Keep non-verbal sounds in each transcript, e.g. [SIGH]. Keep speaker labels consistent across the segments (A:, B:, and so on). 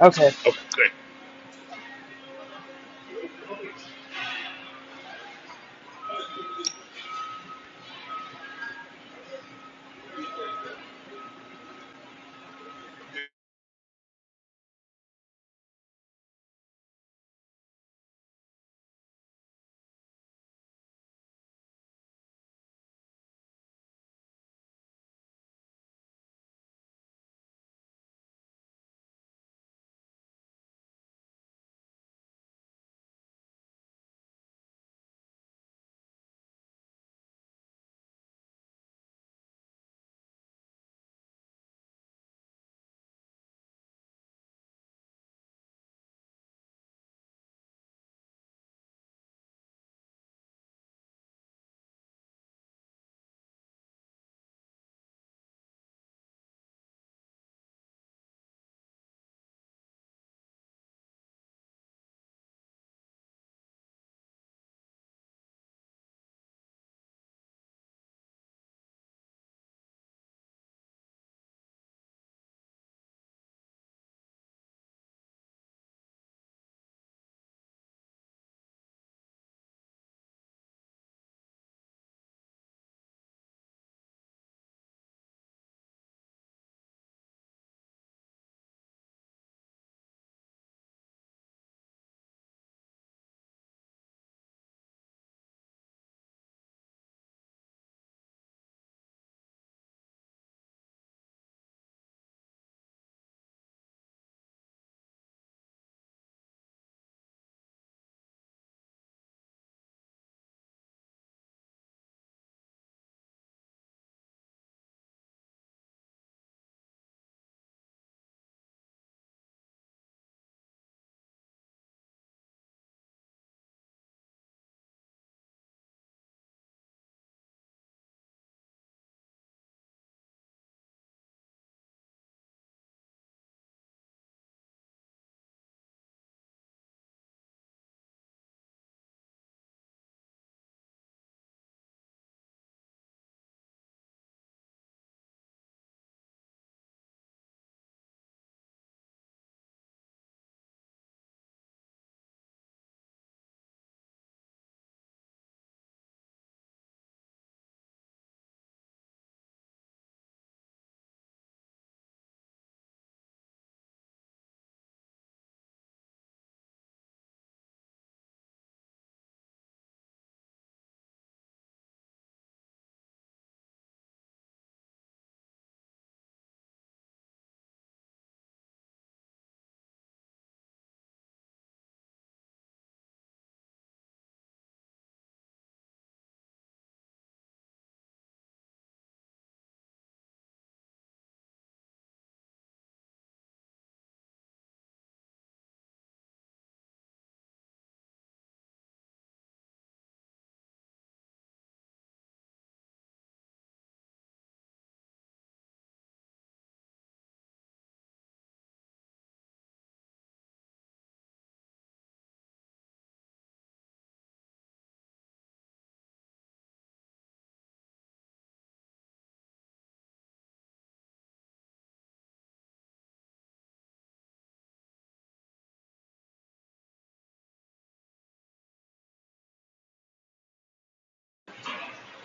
A: Okay.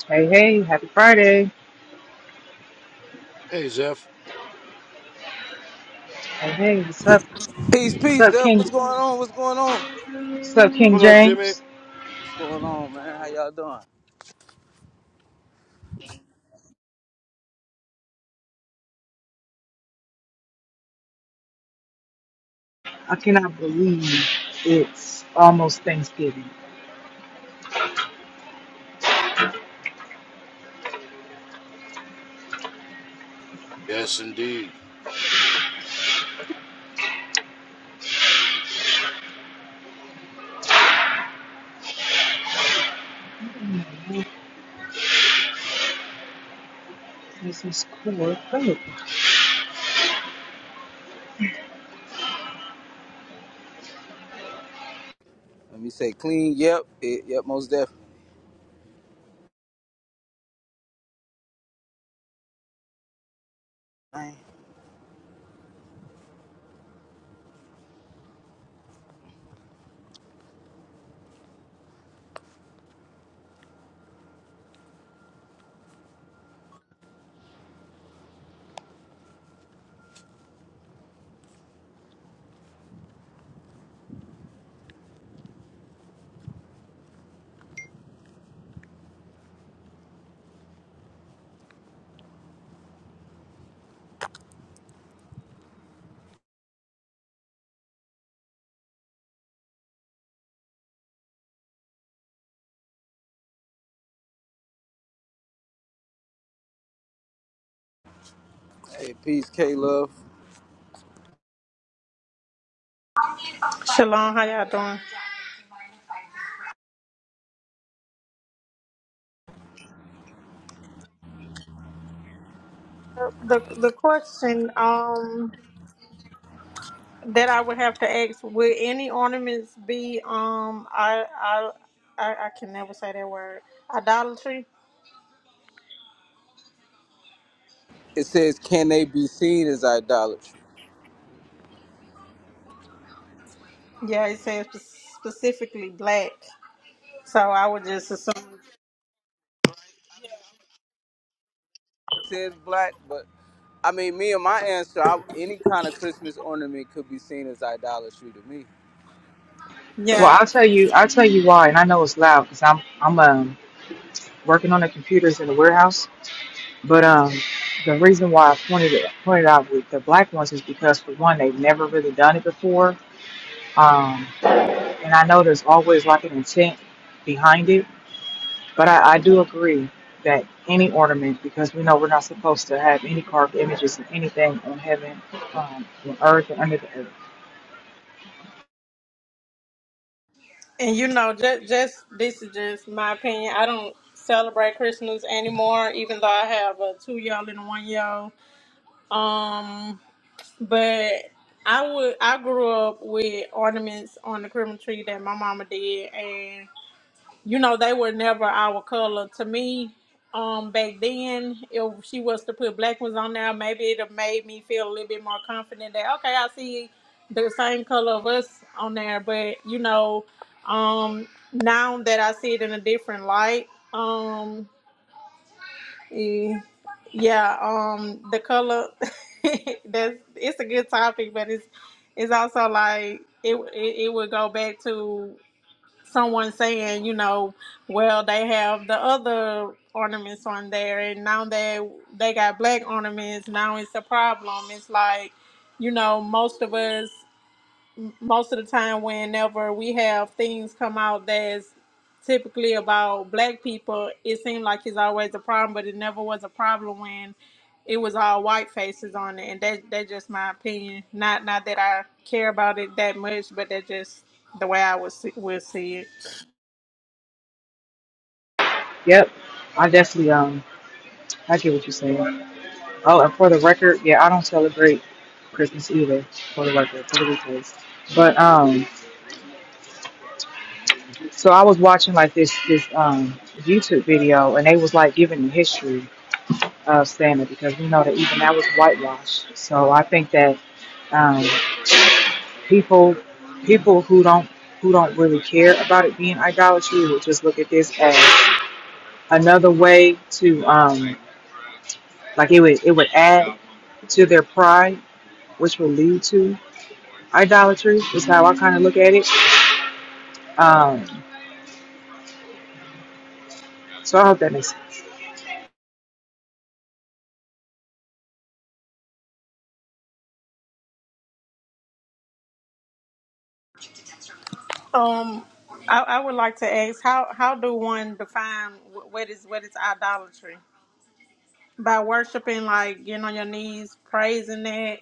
A: Hey, hey, happy Friday.
B: Hey, Zeph.
A: Hey, hey, what's up?
C: Peace,
A: What's
C: peace,
A: up,
C: Def.
A: King?
C: What's going on? What's going on?
A: What's up, King
B: What up, Jimmy?
A: James?
C: What's going on, man? How y'all doing?
A: I cannot believe it's almost Thanksgiving.
B: Yes, indeed.
A: This is cool. Great.
C: Let me say clean. Yep. It, yep, most definitely. Man. Hey, peace, K Love.
D: Shalom, how y'all doing? The the question um that I would have to ask would any ornaments be um I I I, I can never say that word idolatry?
C: It says, can they be seen as idolatry?
D: Yeah, it says spe- specifically black, so I would just assume.
C: It says black, but I mean, me and my answer, I, any kind of Christmas ornament could be seen as idolatry to me.
A: Well,
D: Yeah,
A: I'll tell you. I'll tell you why, and I know it's loud because I'm I'm um working on the computers in the warehouse. But um, the reason why I pointed it pointed out with the black ones is because for one, they've never really done it before. Um, and I know there's always like an intent behind it But I, I do agree that any ornament, because we know we're not supposed to have any carved images and anything on heaven, um, on earth, or under the earth.
D: and you know, just just this is just my opinion. I don't celebrate Christmas anymore, even though I have a two year old and a one year old. Um, But I would I grew up with ornaments on the Christmas tree that my mama did and you know they were never our color. To me, um back then if she was to put black ones on there, maybe it'd have made me feel a little bit more confident that okay, I see the same color of us on there. But you know, um now that I see it in a different light, um, Eh, Yeah, um, the color. [LAUGHS] that's it's a good topic, but it's it's also like it it, it would go back to someone saying, you know, well they have the other ornaments on there, and now they they got black ornaments. Now it's a problem. It's like you know most of us most of the time whenever we have things come out that's typically about black people it seemed like it's always a problem but it never was a problem when it was all white faces on it and that that's just my opinion not not that i care about it that much but that's just the way i would see, would see it
A: Yep, I definitely um, I get what you're saying. Oh, and for the record, yeah, I don't celebrate Christmas either. For the record, for the replays. But um, so I was watching like this this um YouTube video, and they was like giving the history of Santa because we know that even that was whitewashed. So I think that. um. people people who don't who don't really care about it being idolatry would just look at this as another way to um like it would it would add to their pride which will lead to idolatry is how i kind of look at it um so i hope that makes sense
D: um I, I would like to ask how how do one define wh- what is what is idolatry by worshiping like getting on your knees praising that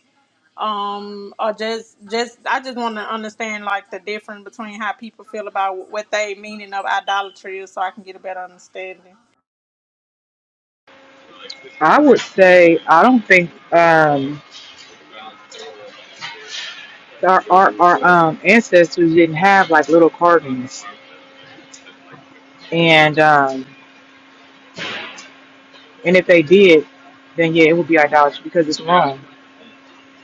D: um or just just i just want to understand like the difference between how people feel about what they meaning of idolatry is so i can get a better understanding
A: i would say i don't think um our our, our um ancestors didn't have like little carvings and um and if they did then yeah it would be idolatry because it's wrong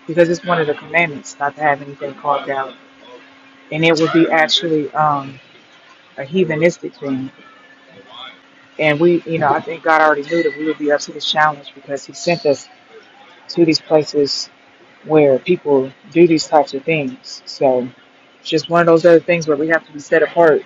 A: because it's one of the commandments not to have anything carved out, and it would be actually um, a heathenistic thing. And we, you know, I think God already knew that we would be up to this challenge because He sent us to these places where people do these types of things. So it's just one of those other things where we have to be set apart.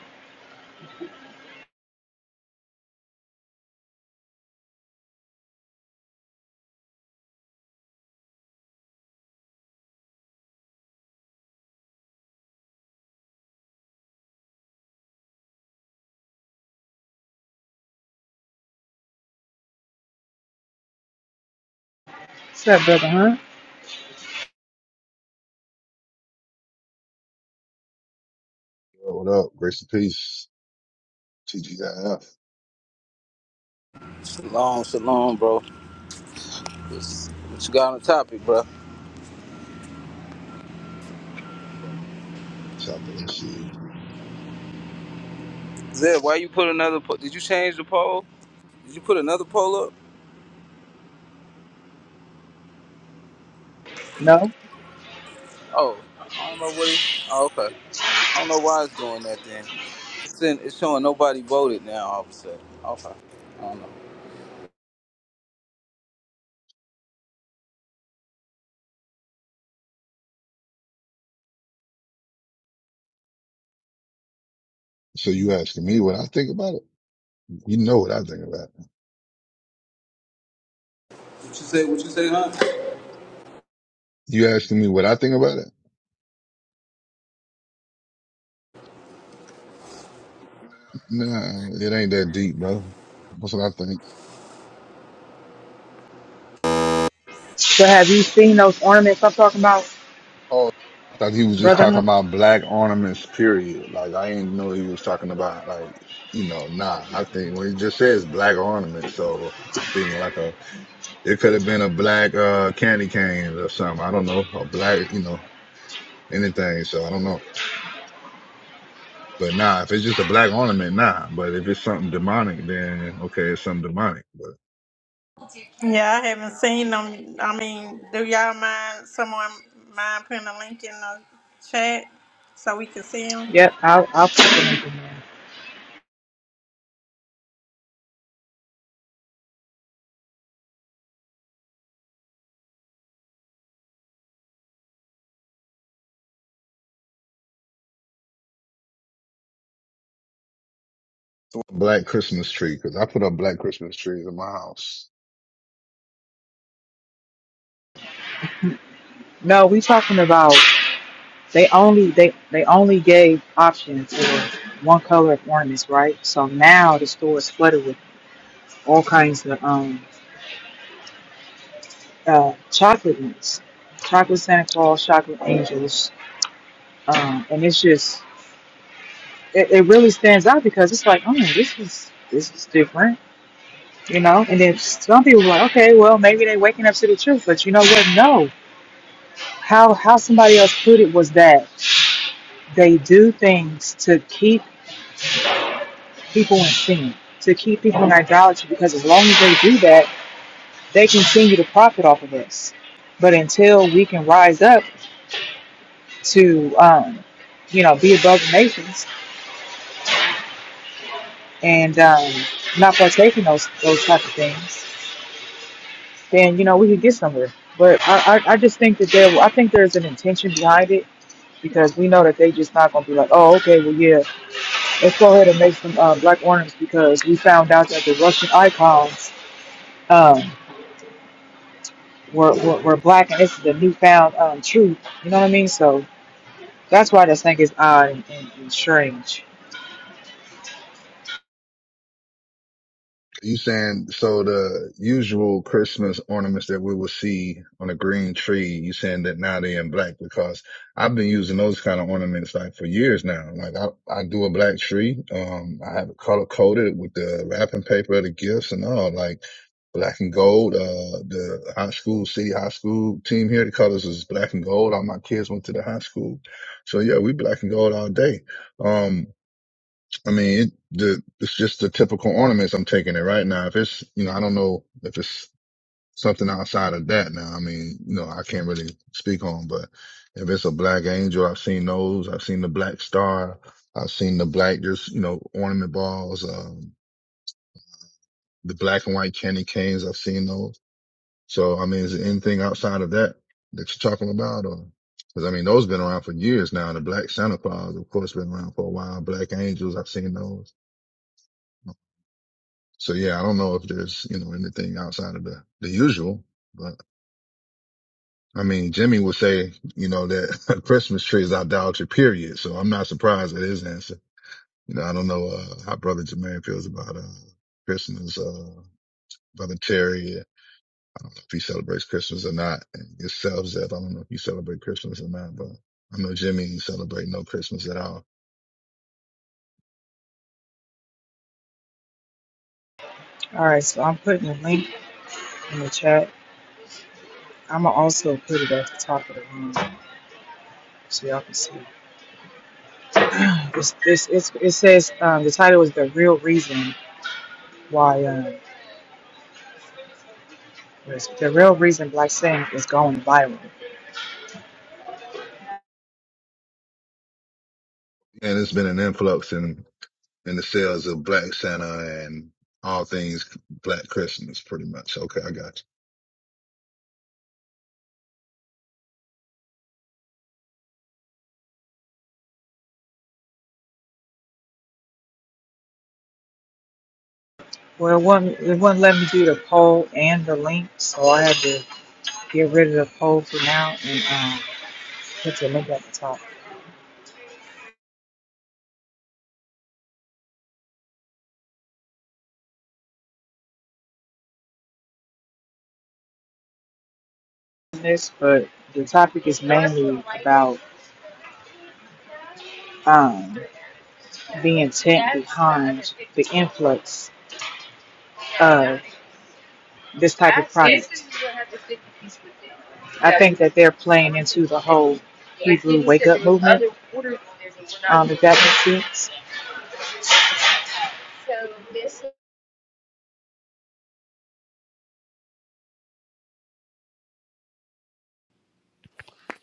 A: What's up, brother? Hunt?
E: What up? Grace and peace. TGIF.
C: Shalom, shalom, bro. What's, what you got on the topic, bro?
E: let of see.
C: Zed, why you put another po- Did you change the poll? Did you put another poll up?
A: No.
C: Oh, I don't know what it. Oh, okay. I don't know why it's doing that then. It's, showing nobody voted now. All of a sudden. Okay. I don't know.
E: So you asking me what I think about it? You know what I think about it.
C: What you say? What you say, huh?
E: You asking me what I think about it? Nah, it ain't that deep, bro. That's what I think.
A: So have you seen those ornaments I'm talking about,
E: Oh, I thought he was just
A: brother?
E: talking
A: Hunt?
E: about black ornaments, period. Like I didn't know he was talking about like, you know, nah, I think when he just says black ornaments. So I'm thinking like a, it could have been a black, uh, candy cane or something. I don't know, a black, you know, anything. So I don't know. But nah, if it's just a black ornament, nah. But if it's something demonic, then okay, it's something demonic. But
D: yeah i haven't seen them i mean do y'all mind someone mind putting a link in the chat so we can see them
A: Yep. I'll I'll put them in. there.
E: black Christmas tree, because I put up black Christmas trees in my house.
A: No, we talking about. They only they they only gave options for one color of ornaments, right? So now the store is flooded with all kinds of um uh chocolate ones, chocolate Santa Claus, chocolate angels, um, and it's just it, it really stands out because it's like, oh, this is this is different, you know. And then some people were like, okay, well maybe they're waking up to the truth, but you know what? No, how how somebody else put it was that they do things to keep people in sin, to keep people in idolatry, because as long as they do that, they continue to profit off of us. But until we can rise up to, um, you know, be above the nations and um, not partake in those those type of things, then you know we could get somewhere. But I, I, I just think that there, I think there's an intention behind it because we know that they just not gonna be like, oh, okay, well, yeah, let's go ahead and make some uh, black ornaments because we found out that the Russian icons um, were, were, were black and this is the newfound um, truth. You know what I mean? So that's why this thing is odd and, and, and strange.
E: You saying so the usual Christmas ornaments that we will see on a green tree, you saying that now they're in black because I've been using those kind of ornaments like for years now. Like I, I do a black tree. Um, I have it color coded with the wrapping paper, the gifts and all like black and gold. Uh, the high school, city high school team here, the colors is black and gold. All my kids went to the high school. So yeah, we black and gold all day. Um, I mean, it, the it's just the typical ornaments I'm taking it right now. If it's, you know, I don't know if it's something outside of that now. I mean, you know, I can't really speak on, but if it's a black angel, I've seen those. I've seen the black star. I've seen the black, just, you know, ornament balls, um, the black and white candy canes. I've seen those. So, I mean, is there anything outside of that that you're talking about or? Cause I mean, those been around for years now. The Black Santa Claus, of course, been around for a while. Black Angels, I've seen those. So yeah, I don't know if there's, you know, anything outside of the, the usual, but I mean, Jimmy would say, you know, that [LAUGHS] a Christmas tree is idolatry, period. So I'm not surprised at his answer. You know, I don't know, uh, how brother Jermaine feels about, uh, Christmas, uh, brother Terry. I don't know if he celebrates Christmas or not. And yourself, Zeb, I don't know if you celebrate Christmas or not, but I know Jimmy ain't celebrate no Christmas at all.
A: All right, so I'm putting a link in the chat. I'm gonna also put it at the top of the room so y'all can see. It's, it's, it's, it says um, the title is the real reason why um, the real reason Black Sin is going viral.
E: And it's been an influx in, in the sales of Black Santa and all things Black Christmas, pretty much. Okay. I got you.
A: Well, it wouldn't, it wouldn't let me do the poll and the link, so I had to get rid of the poll for now and um, put the link at the top. business, but the topic is mainly about um, the intent behind the influx of this type of product. I think that they're playing into the whole Hebrew wake up movement. Um, if that makes sense.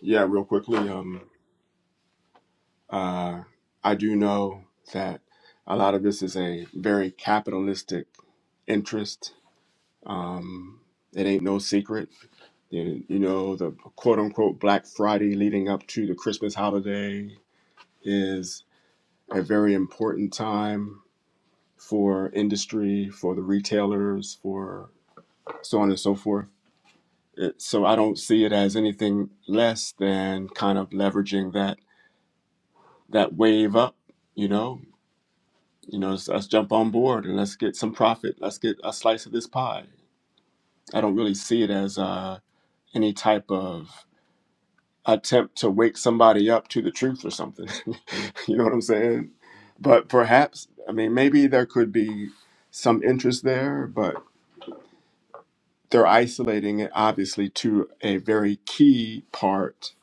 F: Yeah, real quickly, um, uh, I do know that a lot of this is a very capitalistic interest. Um, it ain't no secret. You, you know, the quote unquote Black Friday leading up to the Christmas holiday is a very important time for industry, for the retailers, for so on and so forth. It, so I don't see it as anything less than kind of leveraging that that wave up you know You know, let's, let's jump on board and let's get some profit. Let's get a slice of this pie. I don't really see it as uh, any type of attempt to wake somebody up to the truth or something. [LAUGHS] you know what I'm saying? But perhaps, I mean, maybe there could be some interest there, but they're isolating it obviously to a very key part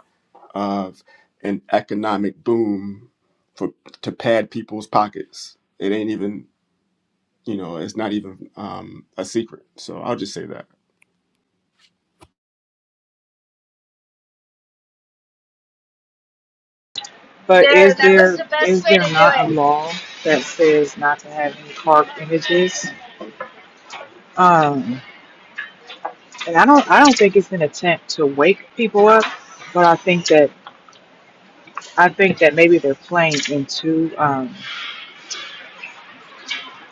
F: of an economic boom for to pad people's pockets. It ain't even you know it's not even um, a secret so i'll just say that
A: But is there is there not a law that says not to have any carved images? Um, and I don't I don't think it's an attempt to wake people up, but I think that I think that maybe they're playing into um,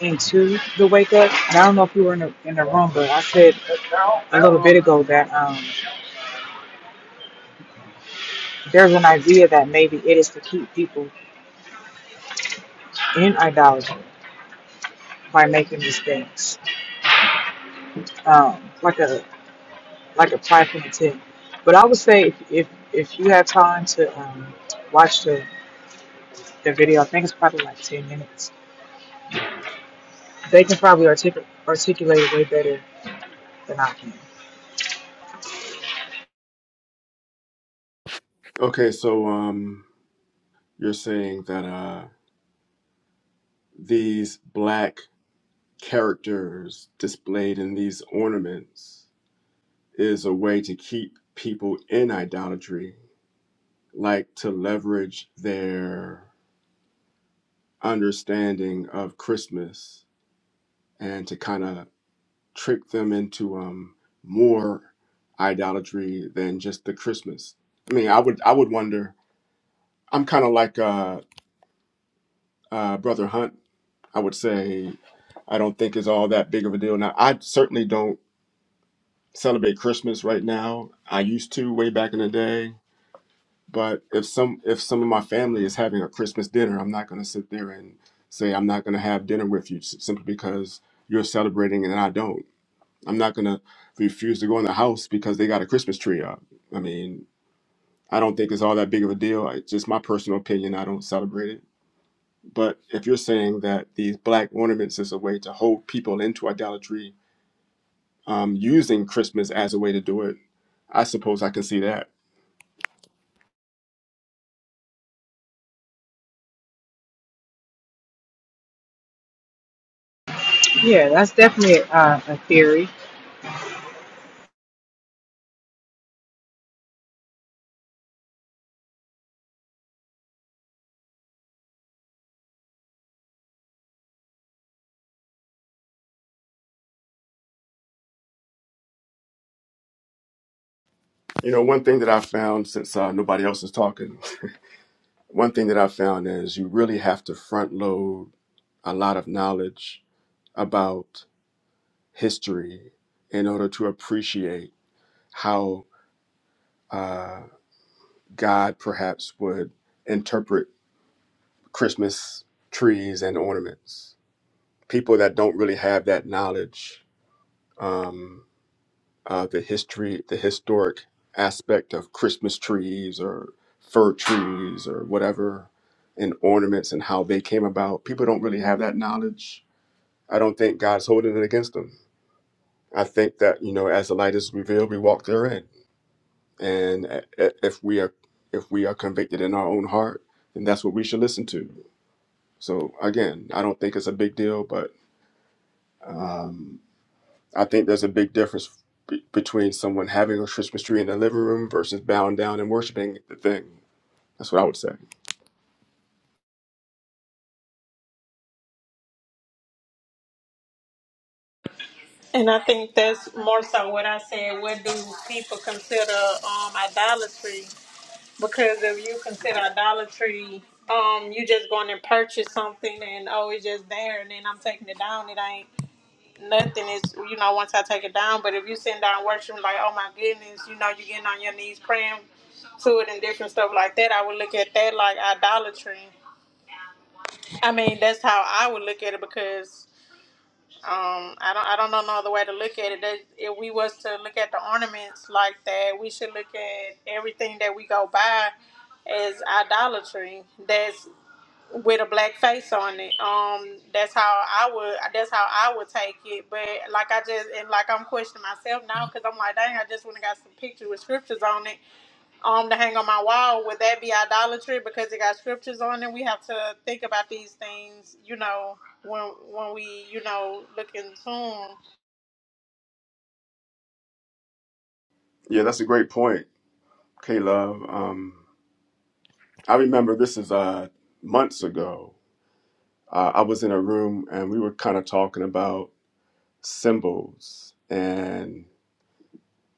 A: into the wake up. And I don't know if you were in the, in the room, but I said a little bit ago that um, there's an idea that maybe it is to keep people in idolatry by making mistakes, um, like a like a prideful intent. But I would say if if, if you have time to um, watch the, the video, I think it's probably like ten minutes. They can probably artic- articulate it way better than I can.
F: okay so um, you're saying that uh, these black characters displayed in these ornaments is a way to keep people in idolatry like to leverage their understanding of christmas and to kind of trick them into um, more idolatry than just the christmas i mean i would i would wonder i'm kind of like uh uh, Brother Hunt, I would say I don't think is all that big of a deal. Now, I certainly don't celebrate Christmas right now. I used to way back in the day, but if some if some of my family is having a Christmas dinner, I'm not going to sit there and say I'm not going to have dinner with you s- simply because you're celebrating and I don't. I'm not going to refuse to go in the house because they got a Christmas tree up. I mean, I don't think it's all that big of a deal. It's just my personal opinion. I don't celebrate it But if you're saying that these black ornaments is a way to hold people into idolatry, um, using Christmas as a way to do it, I suppose I can see that.
A: Yeah, that's definitely uh, a theory.
F: You know, one thing that I found since uh, nobody else is talking, [LAUGHS] one thing that I found is you really have to front load a lot of knowledge about history in order to appreciate how God perhaps would interpret Christmas trees and ornaments. People that don't really have that knowledge. Um, uh, the history, the historic aspect of Christmas trees or fir trees or whatever, and ornaments and how they came about. People don't really have that knowledge. I don't think God's holding it against them. I think that you know, as the light is revealed, we walk therein, and i- i- if we are if we are convicted in our own heart, then that's what we should listen to. So again, I don't think it's a big deal, but I think there's a big difference be- between someone having a Christmas tree in their living room versus bowing down and worshiping the thing. That's what I would say.
D: and i think that's more so what i said what do people consider um idolatry Because if you consider idolatry, um, you just going and purchase something and oh, it's just there, and then I'm taking it down. It ain't nothing. It's you know once I take it down. But if you sitting down worshiping, like oh my goodness, you know you're getting on your knees praying to it and different stuff like that. I would look at that like idolatry. I mean, that's how I would look at it because um, I don't I don't know no other way to look at it. That if we was to look at the ornaments like that, we should look at everything that we go by as idolatry. That's with a black face on it. Um, that's how I would that's how I would take it. But like I just and like I'm questioning myself now because I'm like, dang, I just went and got some pictures with scriptures on it um to hang on my wall would that be idolatry because it got scriptures on it we have to think about these things you know when when we you know look into 'em.
F: Yeah, that's a great point, K Love. Um, I remember this is uh, months ago. Uh, I was in a room and we were kind of talking about symbols, and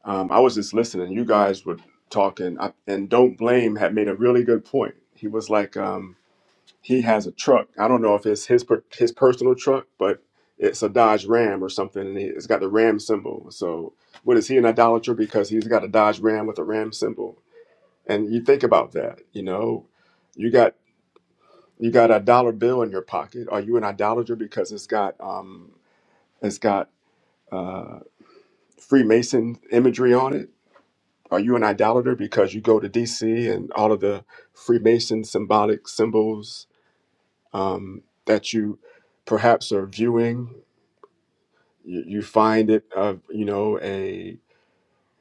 F: um, I was just listening. You guys were talking, I, and Don't Blame had made a really good point. He was like, um, he has a truck. I don't know if it's his per- his personal truck, but it's a Dodge Ram or something, and he- it's got the Ram symbol. So, what is he an idolater because he's got a Dodge Ram with a Ram symbol? And you think about that, you know, you got you got a dollar bill in your pocket. Are you an idolater because it's got um it's got uh, Freemason imagery on it? Are you an idolater because you go to D.C. and all of the Freemason symbolic symbols um, that you perhaps are viewing. You, you find it, uh, you know, a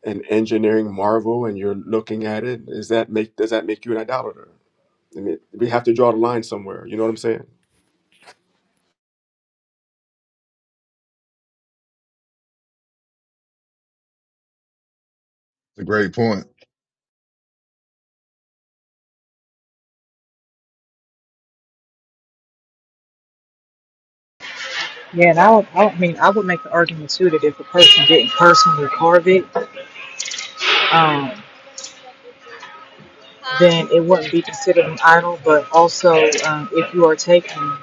F: an engineering marvel, and you're looking at it. Is that make does that make you an idolater? I mean, we have to draw the line somewhere. You know what I'm saying?
E: It's a great point.
A: Yeah, and I, would, I would- I mean, I would make the argument too that if a person didn't personally carve it, um, then it wouldn't be considered an idol. But also, um, if you are taking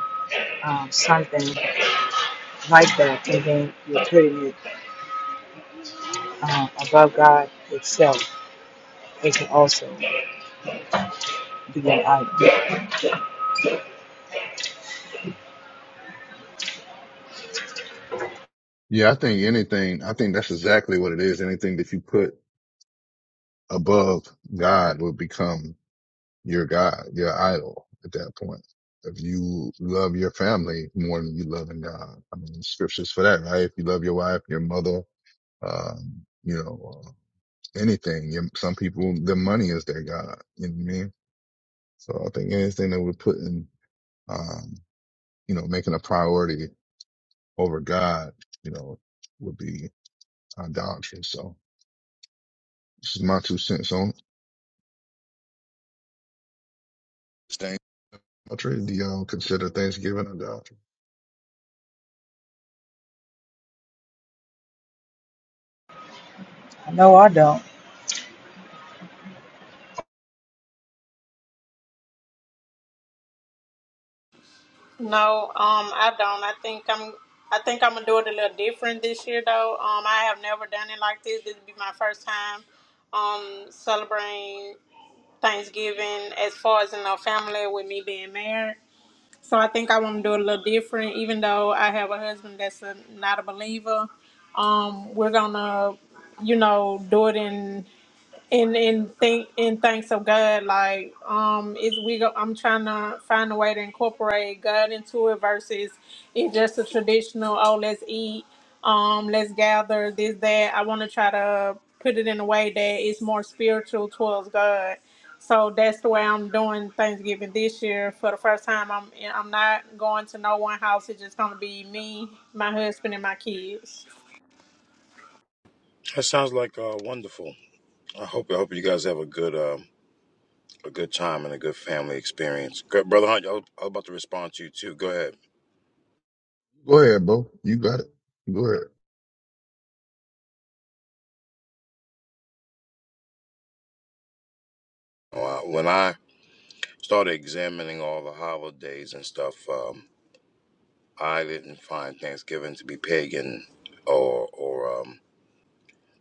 A: um, something like that and then you're putting it um, above God itself, it can also be an idol.
E: Yeah, I think anything, I think that's exactly what it is. Anything that you put above God will become your God, your idol at that point. If you love your family more than you love in God, I mean, scriptures for that, right? If you love your wife, your mother, um, you know, uh, anything, your, some people, their money is their God. You know what I mean? So I think anything that we're putting, um, you know, making a priority over God, you know, would be idolatry. So, This is my two cents on it. Staying country, do y'all consider Thanksgiving a
A: No, I don't.
D: no um i don't i think i'm i think i'm gonna do it a little different this year though um i have never done it like this this would be my first time um celebrating thanksgiving as far as in our family with me being married So I think I want to do it a little different, even though I have a husband that's a, not a believer. Um, we're gonna, you know, do it in and and think and thanks of God, like um, is we go. I'm trying to find a way to incorporate God into it versus it's just a traditional. Oh, let's eat. Um, let's gather this that. I want to try to put it in a way that it's more spiritual towards God. So that's the way I'm doing Thanksgiving this year. For the first time, I'm I'm not going to no one house. It's just gonna be me, my husband, and my kids.
B: That sounds like uh, wonderful. I hope I hope you guys have a good uh, a good time and a good family experience. Good, brother Hunt, I was I was about to respond to you too. Go ahead.
E: Go ahead, Bo. You got it. Go ahead.
B: Oh, I- When I started examining all the holidays and stuff, um, I didn't find Thanksgiving to be pagan or or um,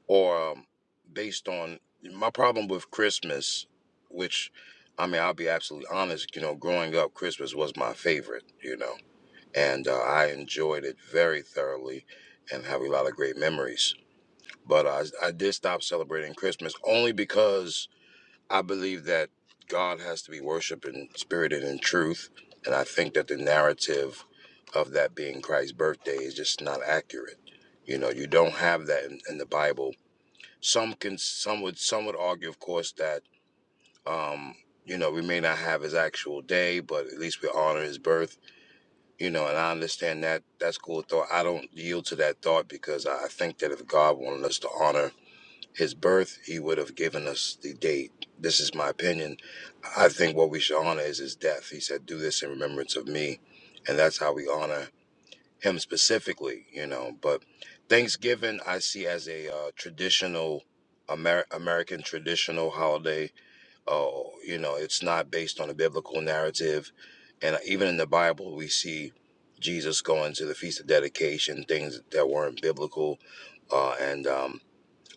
B: or um, based on my problem with Christmas, which I mean I'll be absolutely honest. You know, growing up, Christmas was my favorite. You know and uh, I enjoyed it very thoroughly and have a lot of great memories. But uh, I, I did stop celebrating Christmas only because I believe that God has to be worshiped in spirit and in truth. And I think that the narrative of that being Christ's birthday is just not accurate. You know, you don't have that in, in the Bible. Some can, some would, some would argue, of course, that um, you know we may not have his actual day, but at least we honor his birth you know, and I understand that that's cool thought. I don't yield to that thought because I I think that if God wanted us to honor his birth, he would have given us the date. This is my opinion. I think what we should honor is his death. He said, Do this in remembrance of me. And that's how we honor him specifically, you know. But Thanksgiving, I see as a uh, traditional Amer- American traditional holiday oh, you know, it's not based on a biblical narrative. And even in the Bible, we see Jesus going to the Feast of Dedication, things that weren't biblical. Uh, and um,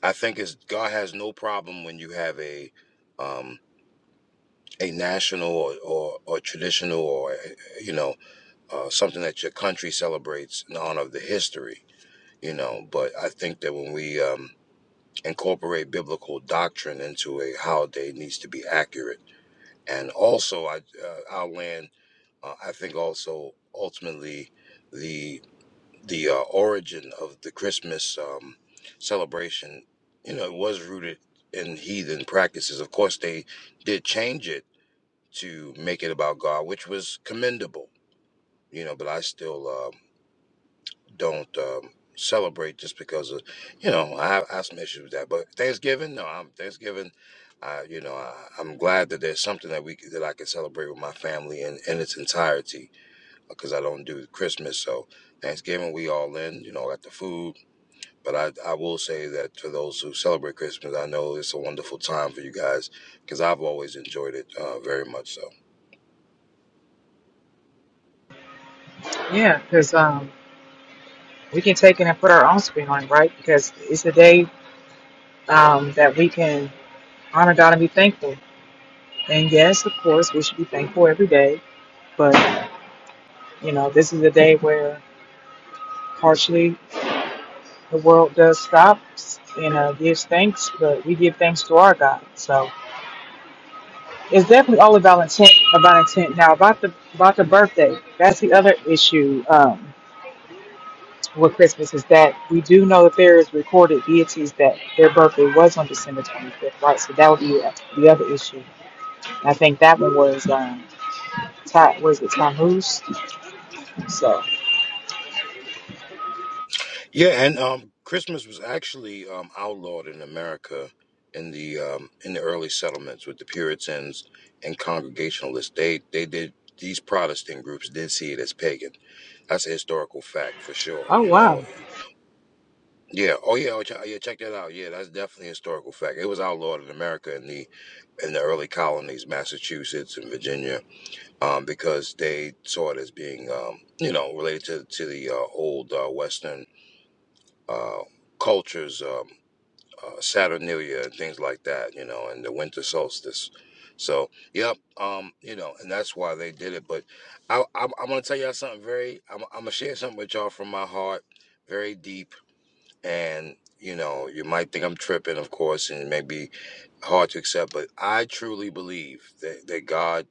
B: I think it's, God has no problem when you have a um, a national or, or, or traditional or eh, eh, you know uh, something that your country celebrates in honor of the history, you know. But I think that when we um, incorporate biblical doctrine into a holiday, it needs to be accurate and also I uh, our land. Uh, I think also ultimately the the uh, origin of the Christmas um, celebration, you know, it was rooted in heathen practices. Of course, they did change it to make it about God, which was commendable, you know. But I still um, don't um, celebrate just because of, you know, I have, I have some issues with that. But Thanksgiving, no, I'm Thanksgiving. I, you know, I, I'm glad that there's something that we c- that I can celebrate with my family in, in its entirety because I don't do Christmas. So Thanksgiving, we all in, you know, got the food. But I, I will say that for those who celebrate Christmas, I know it's a wonderful time for you guys because I've always enjoyed it uh, very much. So.
A: Yeah, because um, we can take it and put our own spin on it, right? Because it's a day um, that we can honor God and be thankful. And yes, of course, we should be thankful every day. but. You know, this is a day where partially the world does stop and uh, gives thanks, but we give thanks to our God. So it's definitely all about intent. About intent. Now about the about the birthday. That's the other issue um, with Christmas is that we do know that there is recorded deities that their birthday was on December 25th, right? So that would be the other issue. I think that one was um, Ta- was it Tammuz? So
B: Yeah, and um, Christmas was actually um, outlawed in America in the um, in the early settlements with the Puritans and Congregationalists. They they did these Protestant groups did see it as pagan. That's a historical fact for sure.
A: oh
B: You know,
A: wow,
B: yeah. Oh yeah, oh, ch- yeah. Check that out. Yeah, that's definitely a historical fact. It was outlawed in America in the in the early colonies, Massachusetts and Virginia, um, because they saw it as being um, you know related to to the uh, old uh, Western. Uh, cultures Um, uh, Saturnalia and things like that, you know, and the winter solstice. So, yep, um, you know, and that's why they did it. But I, I'm, I'm gonna tell y'all something very. I'm, I'm gonna share something with y'all from my heart, very deep, and you know, you might think I'm tripping, of course, and it may be hard to accept, but I truly believe that that God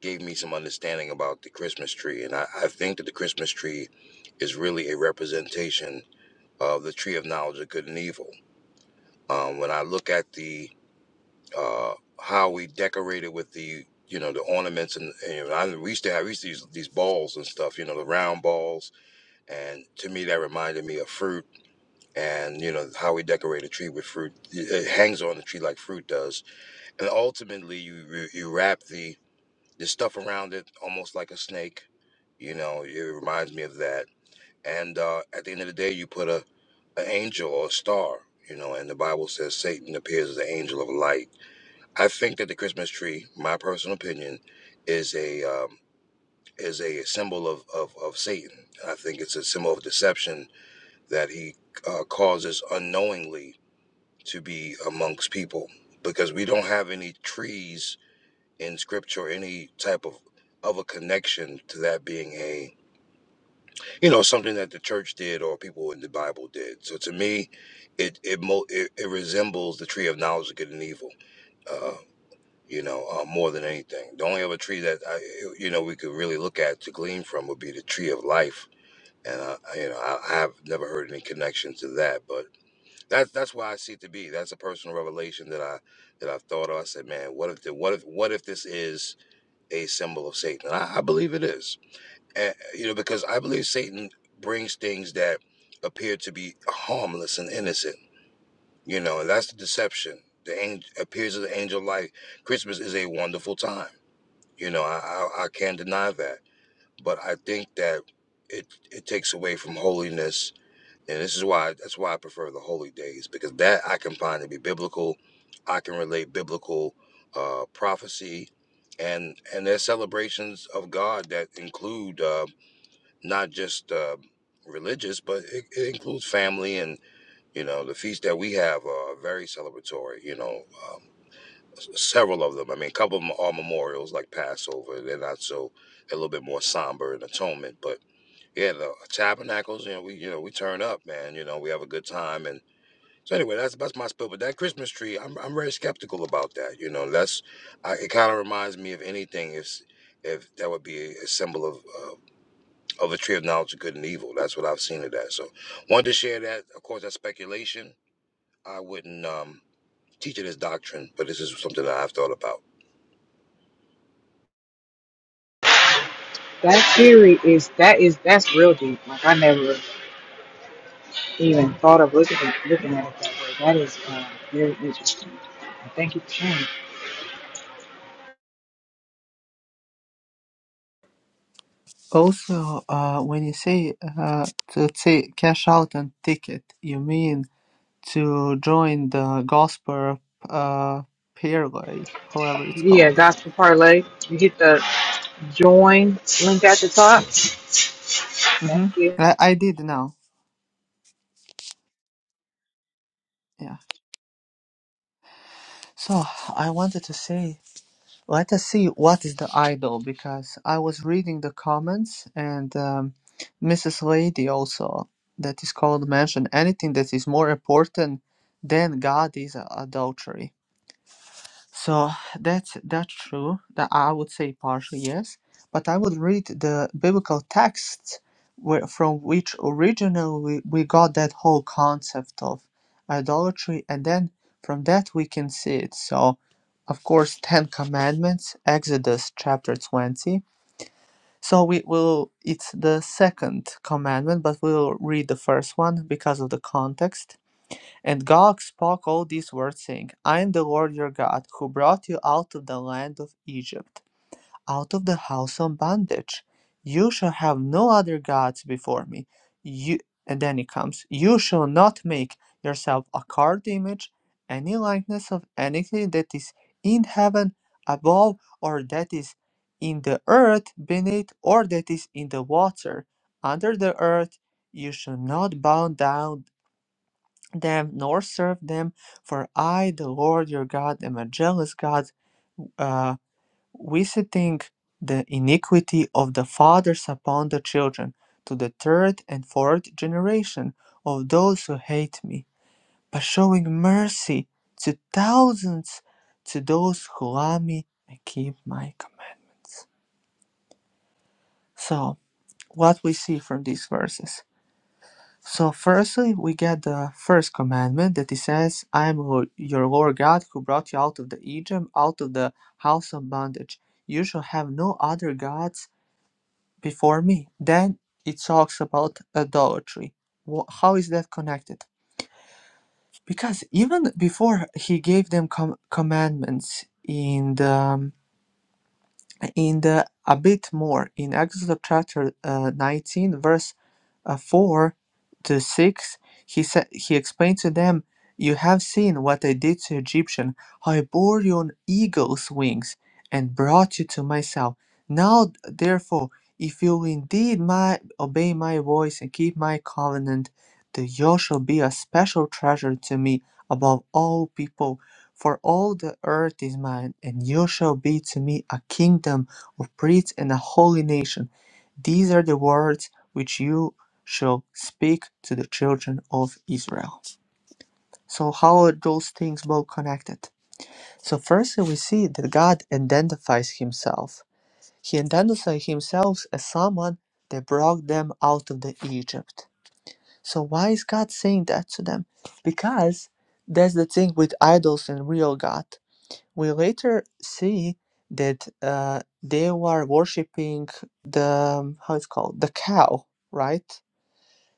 B: gave me some understanding about the Christmas tree, and I, I think that the Christmas tree is really a representation of the tree of knowledge of good and evil. Um, when I look at the uh, how we decorated with the you know the ornaments and, and I, we used to have we used to use these balls and stuff you know the round balls and to me that reminded me of fruit and you know how we decorate a tree with fruit it, it hangs on the tree like fruit does and ultimately you you you wrap the the stuff around it almost like a snake you know it reminds me of that and uh, at the end of the day you put a an angel or a star you know and the Bible says Satan appears as an angel of light I think that the Christmas tree, my personal opinion, is a um, is a symbol of, of of Satan. I think it's a symbol of deception that he uh, causes unknowingly to be amongst people because we don't have any trees in Scripture, or any type of of a connection to that being a you know something that the church did or people in the Bible did. So to me, it it mo- it, it resembles the tree of knowledge of good and evil Uh, you know, uh, more than anything. The only other tree that I, you know we could really look at to glean from would be the tree of life, and uh, you know I, I have never heard any connection to that, but that's that's why I see it to be. That's a personal revelation that I that I've thought of. I said, man, what if the, what if what if this is a symbol of Satan? And I, I believe it is, and, you know, because I believe Satan brings things that appear to be harmless and innocent. You know, and that's the deception. The angel appears as an angel of light. Christmas is a wonderful time you know, I, I, I can't deny that. But I think that it it takes away from holiness, and this is why that's why I prefer the holy days because that I can find to be biblical. I can relate biblical uh, prophecy, and and there's celebrations of God that include uh, not just uh, religious, but it, it includes family and you know the feasts that we have are very celebratory. You know, uh, several of them. I mean, a couple of them are memorials like Passover. They're not so they're a little bit more somber and atonement. But yeah, the tabernacles, you know, we you know we turn up, man. You know, we have a good time and. So anyway, that's that's my spill. But that Christmas tree, I'm I'm very skeptical about that. You know, that's I, it. Kind of reminds me of anything. If if that would be a symbol of uh, of the tree of knowledge of good and evil, that's what I've seen of that. So wanted to share that. Of course, that's speculation. I wouldn't. Um, teaching is doctrine, but this is something that I've thought about.
A: that theory is that is that's real deep. Like I never. even thought of looking at, looking at it that way. That is um, very interesting. Thank you for sharing.
G: Also, uh, when you say uh, to say cash out and ticket, you mean to join the gospel uh, pairway, however it's
A: Yeah,
G: called.
A: Gospel Parlay. You hit the join link at the top. Thank
G: Mm-hmm.
A: you.
G: I, I did now. Yeah. So I wanted to say, let us see what is the idol because I was reading the comments and um, Mrs. Lady also that is called mentioned anything that is more important than God is adultery. So that's that's true. That I would say partially yes, but I would read the biblical texts where from which originally we got that whole concept of idolatry, and then from that we can see it. So, of course, Ten Commandments, Exodus chapter twenty. So we will. It's the second commandment, but we will read the first one because of the context. And God spoke all these words, saying, I am the Lord your God, who brought you out of the land of Egypt, out of the house of bondage. You shall have no other gods before me. You and then it comes, you shall not make yourself a carved image, any likeness of anything that is in heaven above, or that is in the earth beneath, or that is in the water under the earth. You shall not bow down them nor serve them, for I, the Lord your God, am a jealous God, uh, visiting the iniquity of the fathers upon the children to the third and fourth generation of those who hate me, but showing mercy to thousands to those who love me and keep my commandments. So, what we see from these verses? So, firstly, we get the first commandment that it says, I am lo- your Lord God who brought you out of the Egypt, out of the house of bondage. You shall have no other gods before me. Then it talks about idolatry. Wh- How is that connected? Because even before he gave them com- commandments in the um, in the a bit more in Exodus chapter uh, 19 verse uh, 4 to 6 he said he explained to them you have seen what I did to Egyptian how I bore you on eagle's wings and brought you to myself now therefore if you will indeed my obey my voice and keep my covenant then you shall be a special treasure to me above all peoples for all the earth is mine, and you shall be to me a kingdom of priests and a holy nation. These are the words which you shall speak to the children of Israel. So, how are those things both connected? So, firstly, we see that God identifies himself. He identifies himself as someone that brought them out of the Egypt. So, why is God saying that to them? Because that's the thing with idols and real God we later see that uh, they were worshipping the um, how it's called the cow, right?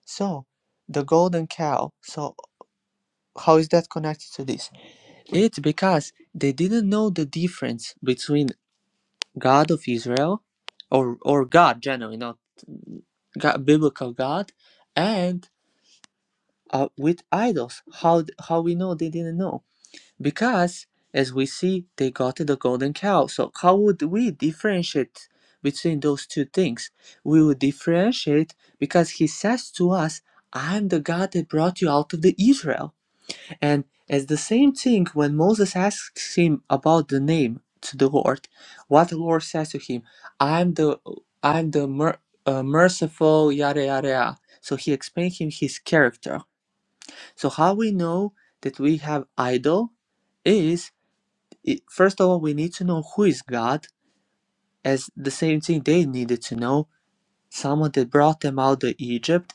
G: So the golden cow. So how is that connected to this? It's because they didn't know the difference between God of Israel, or or God generally, not God, biblical God, and uh, with idols. How how we know they didn't know? Because, as we see, they got the golden cow. So, how would we differentiate between those two things? We would differentiate because he says to us, I am the God that brought you out of the Israel. And as the same thing when Moses asks him about the name to the Lord, what the Lord says to him, I am the I am the mer- uh, merciful yada yada yada. So he explains him his character. So how we know that we have idol is it- first of all, we need to know who is God, as the same thing they needed to know, someone that brought them out of Egypt.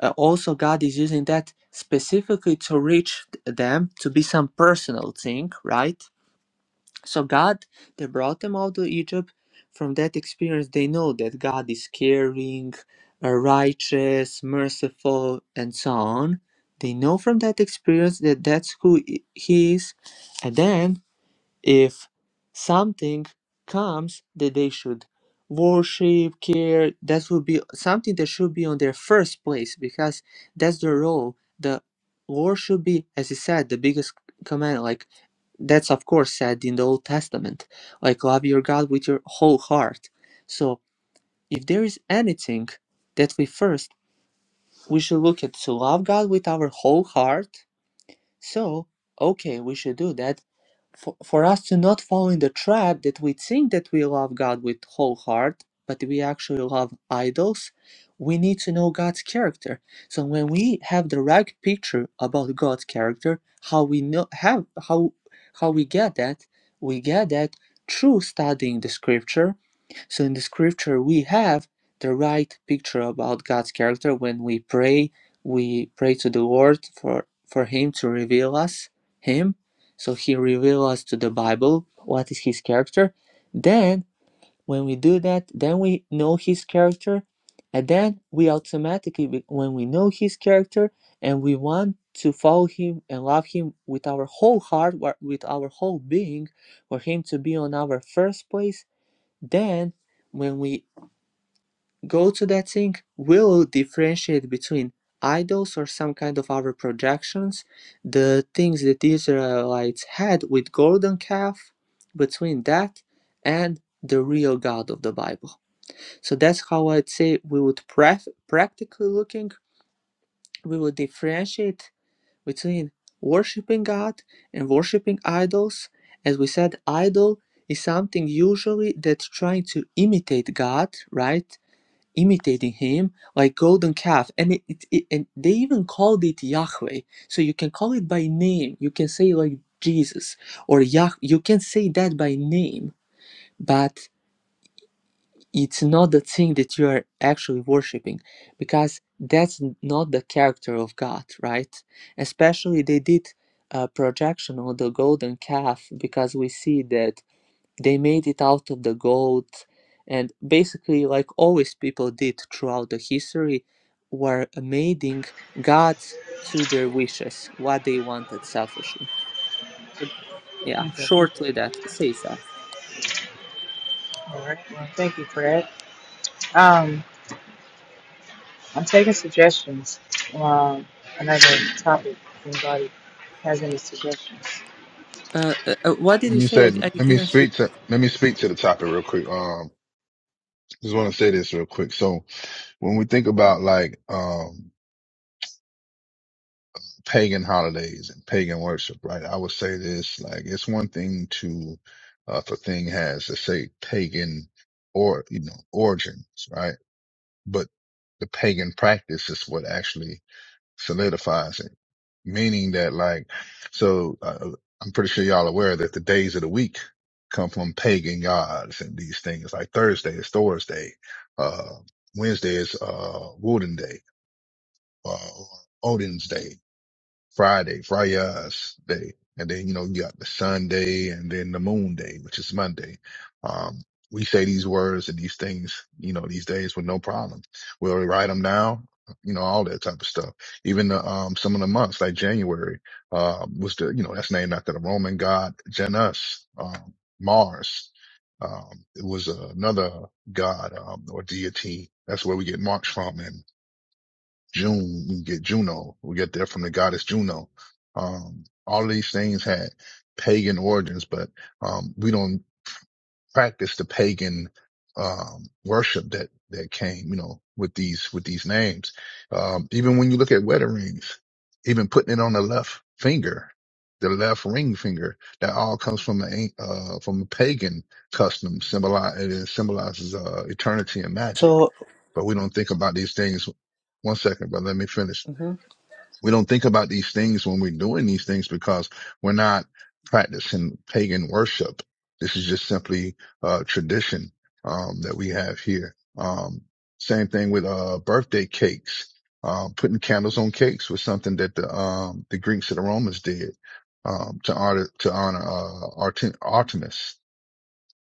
G: Uh, also, God is using that specifically to reach them to be some personal thing, right? So, God that brought them out of Egypt, from that experience, they know that God is caring, uh, righteous, merciful, and so on. They know from that experience that that's who He is. And then if something comes that they should worship care that will be something that should be on their first place because that's the role the war should be as you said the biggest command like that's of course said in the old testament like love your god with your whole heart so if there is anything that we first we should look at to love god with our whole heart so okay we should do that for, for us to not fall in the trap that we think that we love God with whole heart, but we actually love idols, we need to know God's character. So when we have the right picture about God's character, how we know have how how we get that, we get that through studying the scripture. So in the scripture we have the right picture about God's character when we pray, we pray to the Lord for for him to reveal us him so he reveals us to the Bible what is his character. Then when we do that, then we know his character, and then we automatically, when we know his character and we want to follow him and love him with our whole heart, with our whole being, for him to be on our first place, then when we go to that thing will differentiate between idols or some kind of other projections the things that the israelites had with golden calf between that and the real god of the bible so that's how i'd say we would pref- practically looking we would differentiate between worshiping god and worshiping idols as we said idol is something usually that's trying to imitate god right imitating him like golden calf and it, it, it and they even called it yahweh so you can call it by name you can say like jesus or yah you can say that by name but it's not the thing that you are actually worshiping because that's not the character of god right especially they did a projection on the golden calf because we see that they made it out of the gold and basically like always people did throughout the history were mating gods to their wishes what they wanted selfishly yeah
A: Okay.
G: shortly that say that
A: All right. Well, thank you for that. Um, I'm taking suggestions Um, another topic. If anybody has any suggestions?
G: uh, uh, uh, what did
E: Let
G: you
E: me
G: say
E: say,
G: i, I
E: let me
G: didn't hear
E: speak to, let me speak to the topic real quick. Um, just want to say this real quick. So when we think about like, um, pagan holidays and pagan worship, right? I would say this, like, it's one thing to, uh, if a thing has, let's say pagan or, you know, origins, right? But the pagan practice is what actually solidifies it, meaning that like, so uh, I'm pretty sure y'all aware that the days of the week come from pagan gods and these things like Thursday is Thor's day, uh, Wednesday is, uh, Wooden day, uh, Odin's day. Friday, Friday's day. And then, you know, you got the Sunday and then the moon day, which is Monday. Um, we say these words and these things, you know, these days with no problem. We'll write them down, you know, all that type of stuff. Even the, um, some of the months like January, uh, was the, you know, that's named after the Roman god Janus, um, Mars. Um, it was another god, um, or deity. That's where we get March from June, we get Juno. We get that from the goddess Juno. Um, all of these things had pagan origins, but um, we don't practice the pagan um, worship that that came, you know, with these with these names. Um, even when you look at wedding rings, even putting it on the left finger, the left ring finger, that all comes from the uh, from a pagan custom. Symbolize it symbolizes uh, eternity and magic,
G: So,
E: but we don't think about these things. One second, but let me finish
G: Mhm.
E: we don't think about these things when we're doing these things because we're not practicing pagan worship. This is just simply uh, tradition um, that we have here. Um, same thing with uh, birthday cakes. Uh, putting candles on cakes was something that the um, the Greeks and the Romans did um, to honor to honor uh, Artem- Artemis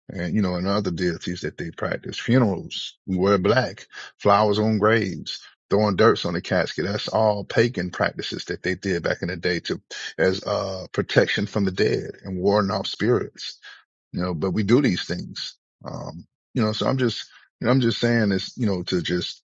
E: and you know, and other deities that they practice. Funerals, we wear black, flowers on graves, throwing dirts on the casket. That's all pagan practices that they did back in the day to, as, uh, protection from the dead and warding off spirits you know, but we do these things. Um, you know, so I'm just, you know, I'm just saying this, you know, to just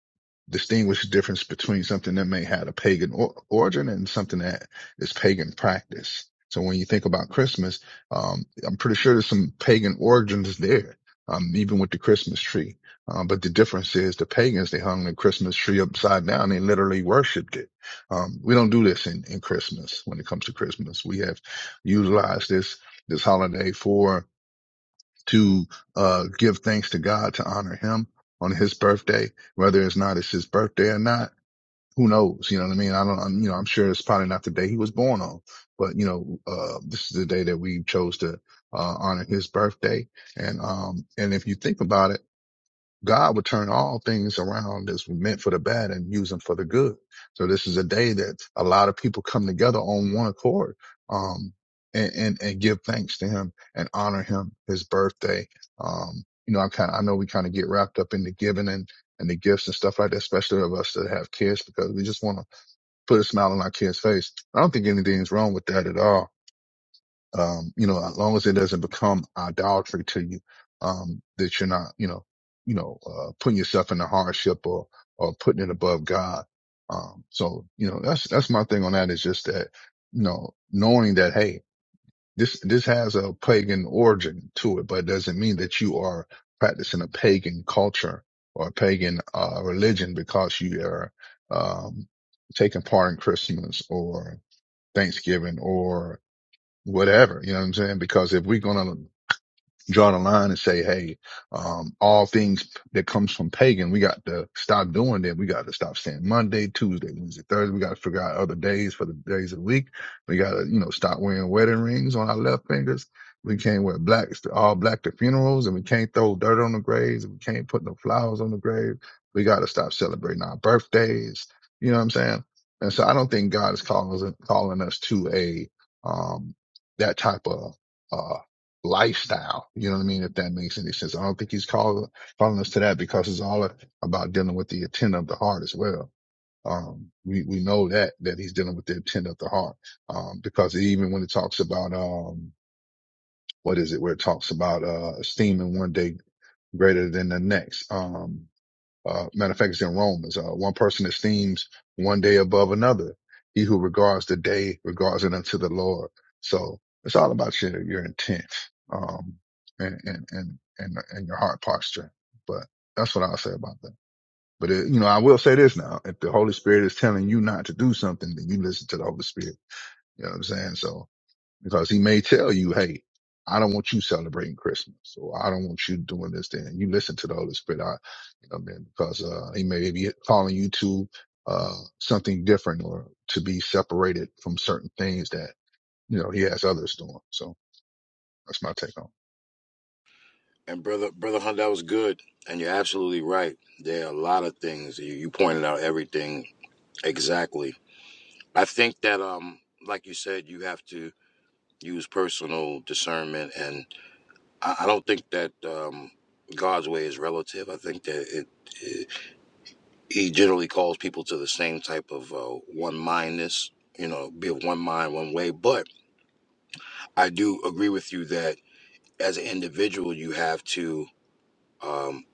E: distinguish the difference between something that may have a pagan or- origin and something that is pagan practice. So when you think about Christmas, um, I'm pretty sure there's some pagan origins there, um, even with the Christmas tree. Um, but the difference is the pagans, they hung the Christmas tree upside down. They literally worshiped it. Um, we don't do this in, in Christmas when it comes to Christmas. We have utilized this, this holiday for, to uh, give thanks to God to honor him on his birthday, whether it's not it's his birthday or not. Who knows? You know what I mean? I don't, I'm, you know, I'm sure it's probably not the day he was born on, but you know, uh, this is the day that we chose to, uh, honor his birthday. And, um, and if you think about it, God would turn all things around that's meant for the bad and use them for the good. So this is a day that a lot of people come together on one accord, um, and, and, and give thanks to him and honor him, his birthday. Um, you know, I kind of, I know we kind of get wrapped up in the giving and, and the gifts and stuff like that, especially of us that have kids because we just want to put a smile on our kids face. I don't think anything's wrong with that at all um, you know, as long as it doesn't become idolatry to you, um, that you're not, you know, you know, uh, putting yourself in a hardship or, or putting it above God. Um, so, you know, that's, that's my thing on that is just that, you know, knowing that, hey, this, this has a pagan origin to it, but it doesn't mean that you are practicing a pagan culture or a pagan, uh, religion because you are, um, taking part in Christmas or Thanksgiving whatever. You know what I'm saying? Because if we're gonna draw the line and say, hey, um, all things that comes from pagan, we got to stop doing that. We got to stop saying Monday, Tuesday, Wednesday, Thursday. We got to figure out other days for the days of the week. We got to, you know, stop wearing wedding rings on our left fingers. We can't wear blacks to all black to funerals and we can't throw dirt on the graves and we can't put no flowers on the grave. We got to stop celebrating our birthdays. You know what I'm saying? And so I don't think God is calling, us- calling us to a, um, that type of, uh, lifestyle. You know what I mean? If that makes any sense. I don't think he's call, calling us to that because it's all about dealing with the intent of the heart as well. Um, we, we know that, that he's dealing with the intent of the heart. Um, because even when it talks about, um, what is it where it talks about, uh, esteeming one day greater than the next. Um, uh, matter of fact, it's in Romans. Uh, one person esteems one day above another. He who regards the day regards it unto the Lord. So it's all about your, your intent, um, and, and, and, and, and your heart posture. But that's what I'll say about that. But it, you know, I will say this now. If the Holy Spirit is telling you not to do something, then you listen to the Holy Spirit. You know what I'm saying? So, because he may tell you, Hey, I don't want you celebrating Christmas. So I don't want you doing this thing. You listen to the Holy Spirit. I, you know, man, because, uh, he may be calling you to, uh, something different or to be separated from certain things that, you know, he has others doing. So that's my take on it.
B: And brother, brother Hunt, that was good. And you're absolutely right. There are a lot of things you, you pointed out. Everything exactly. I think that um, like you said, you have to use personal discernment, and I, I don't think that um, God's way is relative. I think that it. he generally calls people to the same type of uh, one mindness, you know, be of one mind, one way. But I do agree with you that as an individual, you have to um,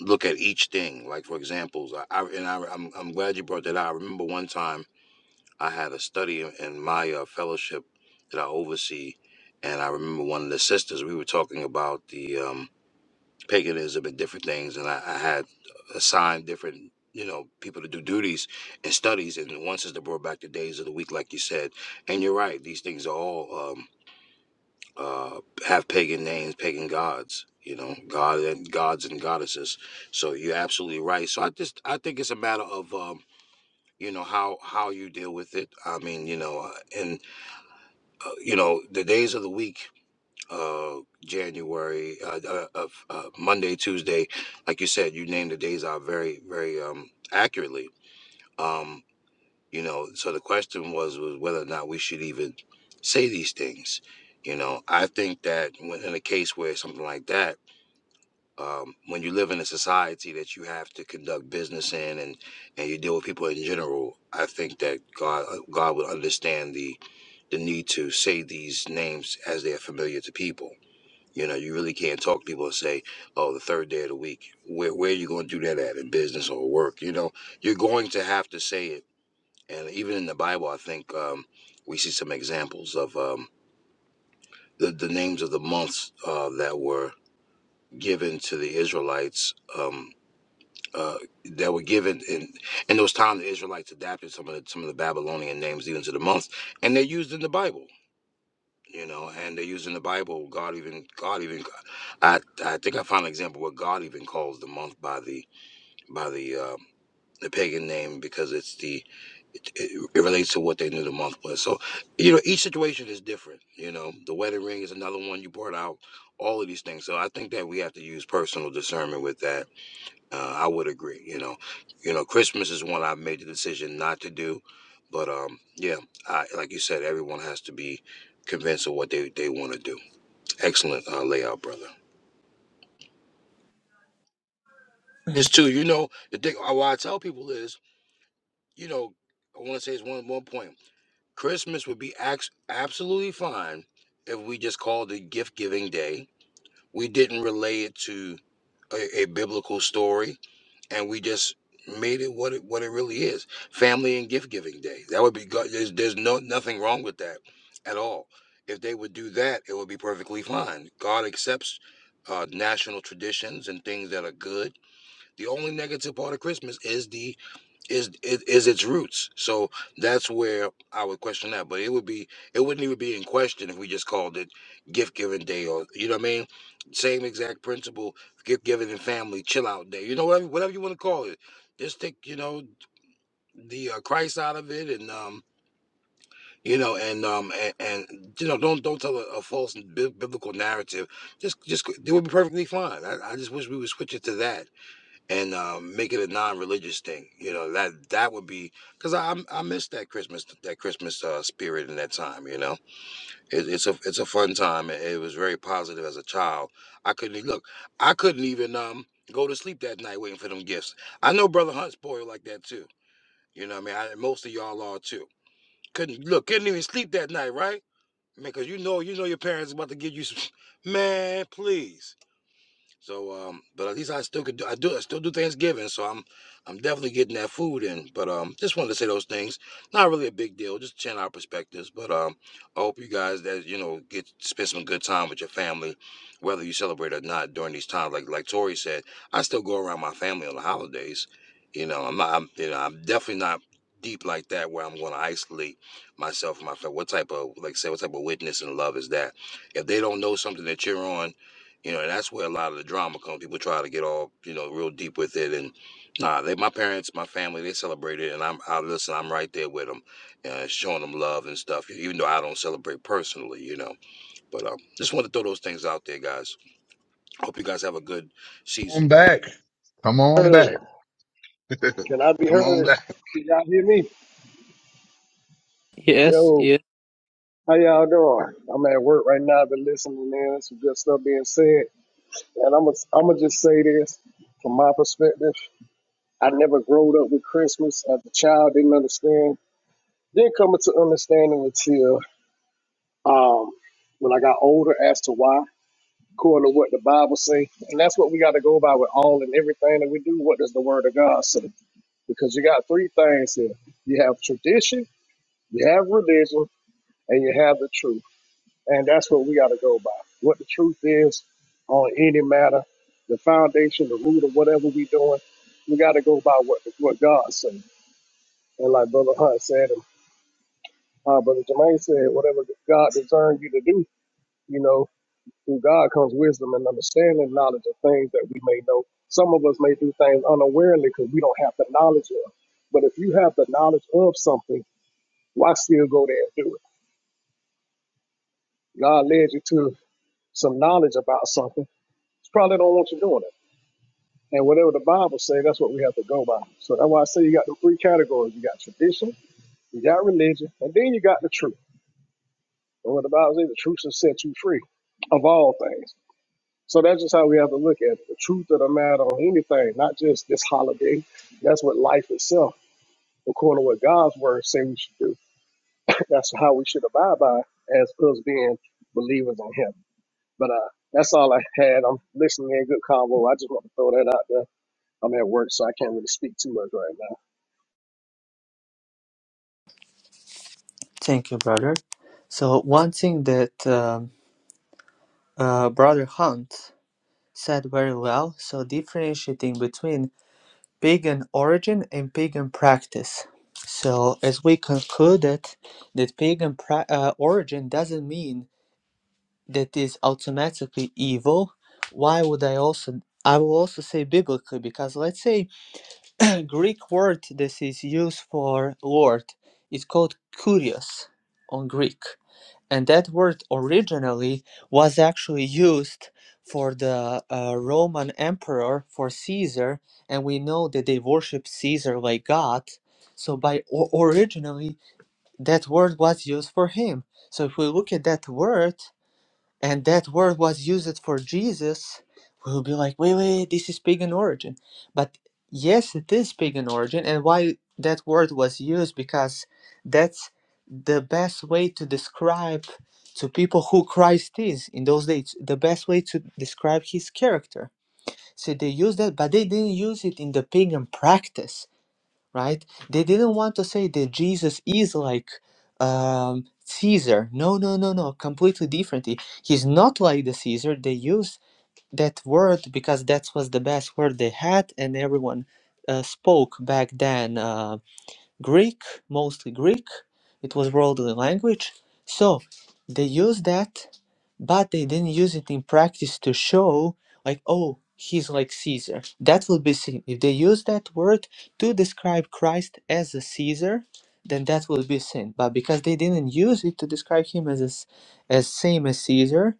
B: look at each thing. Like for examples, I, I and I, I'm, I'm glad you brought that out. I remember one time I had a study in in my uh, fellowship that I oversee, and I remember one of the sisters we were talking about the. um, paganism and different things, and I, I had assigned different you know people to do duties and studies. And one sister brought back the days of the week, like you said. And you're right; these things are all um, uh, have pagan names, pagan gods. You know, god and gods and goddesses. So you're absolutely right. So I just I think it's a matter of um, you know how how you deal with it. I mean, you know, uh, and uh, you know the days of the week uh January uh, uh, of uh, Monday, Tuesday, like you said, you named the days out very, very um accurately. Um, you know, so the question was was whether or not we should even say these things. You know, I think that when in a case where something like that, um, when you live in a society that you have to conduct business in and and you deal with people in general, I think that God uh, God would understand the the need to say these names as they are familiar to people you know, you really can't talk to people and say, "Oh, the third day of the week." Where where are you going to do that at in business or work? You know, you're going to have to say it. And even in the Bible, I think um, we see some examples of um, the the names of the months uh, that were given to the Israelites. Um, uh, that were given in in those times, the Israelites adapted some of the some of the Babylonian names even to the months, and they're used in the Bible. You know, and they're used in the Bible. God even God even I, I think I found an example where God even calls the month by the by the uh, the pagan name because it's the it, it, it relates to what they knew the month was. So you know each situation is different. You know the wedding ring is another one you brought out. All of these things. So I think that we have to use personal discernment with that. Uh, I would agree. You know, you know Christmas is one I've made the decision not to do, but um yeah, I, like you said, everyone has to be convinced of what they they want to do. Excellent uh, layout, brother. is
G: [CLEARS THROAT]
B: too. You know, the thing uh, what I tell people is, you know, I want to say it's one one point. Christmas would be ax- absolutely fine if we just called it gift giving day. We didn't relay it to a, a biblical story, and we just made it what it what it really is: family and gift giving day. That would be good. There's, there's no nothing wrong with that at all. If they would do that, it would be perfectly fine. God accepts uh, national traditions and things that are good. The only negative part of Christmas is the is is, is its roots. So that's where I would question that. But it would be it wouldn't even be in question if we just called it gift giving day or you know what I mean. Same exact principle, gift giving and family chill out day. You know whatever whatever you want to call it. Just take you know the uh, Christ out of it and um you know and um and, and you know don't don't tell a, a false bi- biblical narrative. Just just it would be perfectly fine. I, I just wish we would switch it to that and um, make it a non-religious thing. You know that that would be because I I'm- I miss that Christmas that Christmas uh, spirit in that time. You know, it, it's a it's a fun time. It, it was very positive as a child. I couldn't e- look. I couldn't even um go to sleep that night waiting for them gifts. I know Brother Hunt's spoiled like that too. You know, what I mean, I, most of y'all are too. Couldn't look. Couldn't even sleep that night, right? Man, because you know you know your parents about to give you some. [LAUGHS] Man, please. So, um, but at least I still could do. I do. I still do Thanksgiving, so I'm, I'm definitely getting that food in. But um, just wanted to say those things. Not really a big deal. Just sharing our perspectives. But um, I hope you guys that you know get spend some good time with your family, whether you celebrate or not during these times. Like like Tori said, I still go around my family on the holidays. You know, I'm not. I'm, you know, I'm definitely not deep like that where I'm going to isolate myself from my family. What type of like say what type of witness and love is that? If they don't know something that you're on you know, and that's where a lot of the drama comes. People try to get all, you know, real deep with it. And nah, they, my parents, my family, they celebrate it. And I'm, I listen, I'm right there with them, uh, showing them love and stuff, e, even though I don't celebrate personally, you know. But um, just want to throw those things out there, guys. Hope you guys have a good season.
E: I'm back. Come on
H: heard?
E: back. [LAUGHS]
H: Can I be
E: Come on
H: heard?
E: back.
H: Can y'all hear me?
G: yes
H: Yo,
G: yes
H: how y'all doing? I'm at work right now. I've been listening in. Some good stuff being said. And I'm gonna I'm gonna just say this from my perspective. I never growed up with Christmas. As a child, didn't understand. Didn't come into understanding until um, when I got older as to why, according to what the Bible say. And that's what we got to go by with all and everything that we do. What does the Word of God say? Because you got three things here. You have tradition, you have religion, and you have the truth. And that's what we got to go by. What the truth is on any matter, the foundation, the root of whatever we doing, we got to go by what what God said. And like Brother Hunt said, and uh, Brother Jermaine said, whatever God discerns you to do, you know, through God comes wisdom and understanding, knowledge of things that we may know. Some of us may do things unawarely because we don't have the knowledge of. But if you have the knowledge of something, why still go there and do it? God led you to some knowledge about something It's probably don't want you doing it. And whatever the Bible says, that's what we have to go by. So that's why I say you got the three categories. You got tradition, you got religion, and then you got the truth. And what the Bible says, the truth shall set you free of all things. So that's just how we have to look at it. The truth of the matter on anything, not just this holiday. That's what life itself, according to what God's word say we should do. [LAUGHS] That's how we should abide by as us being believers on him. But uh that's all I had. I'm listening in good convo. I just want to throw that out there. I'm at work, so I can't really speak too much right now.
G: thank you, brother. So, one thing that um, uh, Brother Hunt said very well so, differentiating between pagan origin and pagan practice. So, as we concluded, that pagan pra- uh, origin doesn't mean that is automatically evil. Why would I also? I will also say biblically because let's say [CLEARS THROAT] Greek word this is used for Lord is called kurios on Greek and that word originally was actually used for the uh, Roman emperor for Caesar, and we know that they worship Caesar like God. So by o- originally, that word was used for him. So if we look at that word, and that word was used for Jesus, we'll be like, wait, wait, this is pagan origin. But yes, it is pagan origin, and why that word was used because that's the best way to describe to people who Christ is in those days, the best way to describe his character. So they used that, but they didn't use it in the pagan practice right? They didn't want to say that Jesus is like um, Caesar. No, no, no, no, completely differently. He's not like the Caesar. They used that word because that was the best word they had, and everyone uh, spoke back then. Uh, Greek, mostly Greek. It was worldly language. So they used that, but they didn't use it in practice to show, like, oh, he's like Caesar. That will be sin. If they use that word to describe Christ as a Caesar, then that will be sin. But because they didn't use it to describe him as a s as same as Caesar,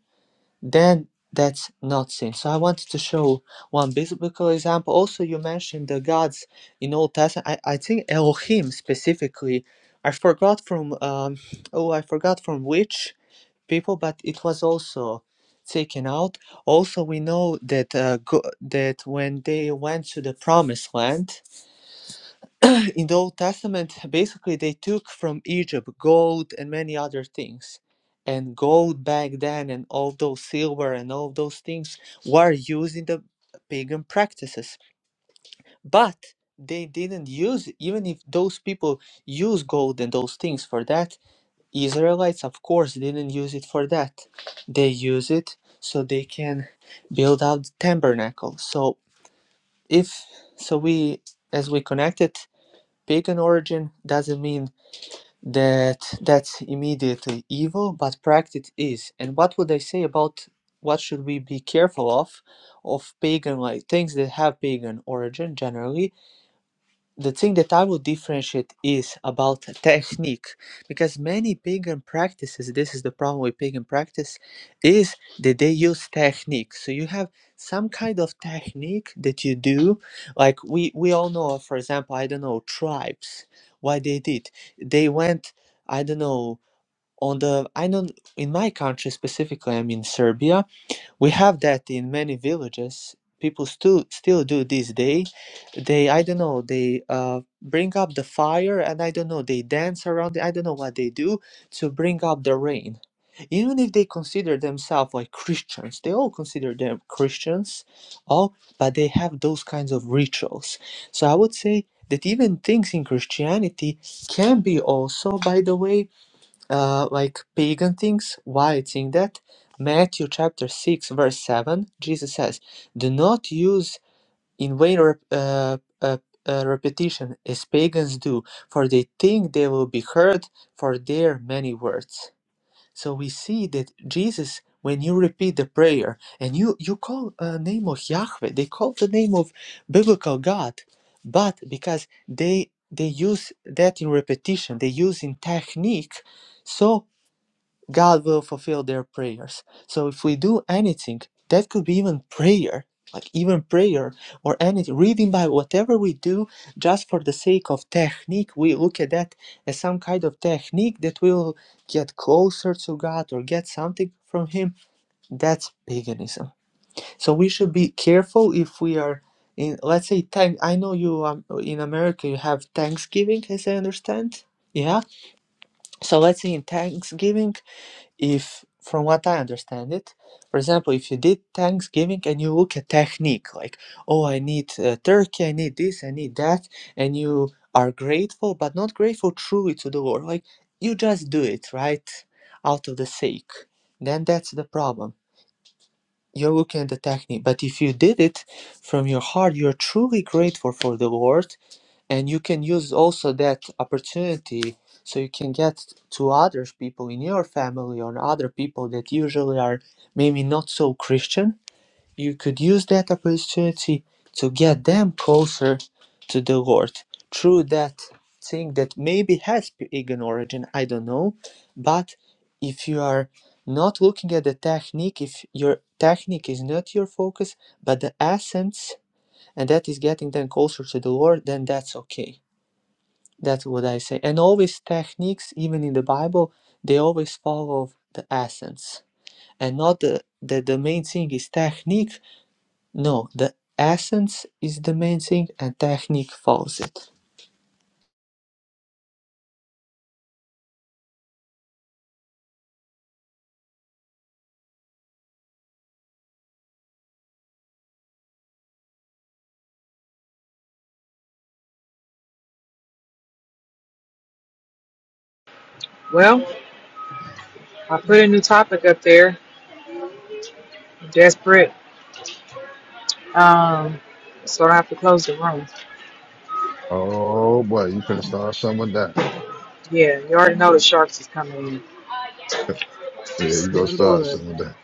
G: then that's not sin. So I wanted to show one biblical example. Also, you mentioned the gods in Old Testament. I, I think Elohim specifically. I forgot from um, oh I forgot from which people, but it was also taken out. Also, we know that uh, go- that when they went to the Promised Land in the Old Testament, basically they took from Egypt gold and many other things. And gold back then and all those silver and all those things were used in the pagan practices. But they didn't use even if those people use gold and those things for that, Israelites of course didn't use it for that. They use it so they can build out the tabernacle. So if so we as we connected pagan origin doesn't mean that that's immediately evil, but practice is. And what would I say about what should we be careful of, of pagan like things that have pagan origin generally, the thing that I would differentiate is about technique, because many pagan practices, this is the problem with pagan practice, is that they use technique. So you have some kind of technique that you do, like we we all know, of, for example, I don't know tribes. What they did, they went, I don't know, on the I don't in my country specifically, I'm in Serbia, we have that in many villages. People still still do this day. They I don't know. They uh, bring up the fire and I don't know. They dance around. it. I don't know what they do to bring up the rain. Even if they consider themselves like Christians, they all consider them Christians, all, but they have those kinds of rituals. So I would say that even things in Christianity can be also, by the way, uh, like pagan things. Why it's in that? Matthew chapter 6, verse 7, Jesus says, Do not use in vain rep- uh, uh, uh, repetition as pagans do, for they think they will be heard for their many words. So we see that Jesus, when you repeat the prayer and you, you call a name of Yahweh, they call the name of biblical God, but because they they use that in repetition, they use in technique, so God will fulfill their prayers. So if we do anything, that could be even prayer, like even prayer or anything, reading Bible, whatever we do, just for the sake of technique, we look at that as some kind of technique that will get closer to God or get something from Him. That's paganism. So we should be careful if we are in, let's say, thank. I know you um, in America you have Thanksgiving, as I understand. Yeah. So let's say in Thanksgiving if from what i understand it for example if you did thanksgiving and you look at technique like oh i need uh, turkey i need this i need that and you are grateful but not grateful truly to the lord like you just do it right out of the sake then that's the problem you're looking at the technique but if you did it from your heart you're truly grateful for the lord and you can use also that opportunity so you can get to other people in your family or other people that usually are maybe not so christian you could use that opportunity to get them closer to the lord through that thing that maybe has pagan origin i don't know but if you are not looking at the technique if your technique is not your focus but the essence and that is getting them closer to the lord then that's okay that's what I say. And always techniques, even in the Bible, they always follow the essence. And not the, that the main thing is technique. No, the essence is the main thing and technique follows it.
A: Well, I put a new topic up there. Desperate. Um, so I have to close the room.
E: Oh boy, you finna start someone down. [LAUGHS]
A: Yeah, you already know the sharks is coming in.
E: Yeah, you gonna
A: Smell the
E: start
A: blood.
E: someone down.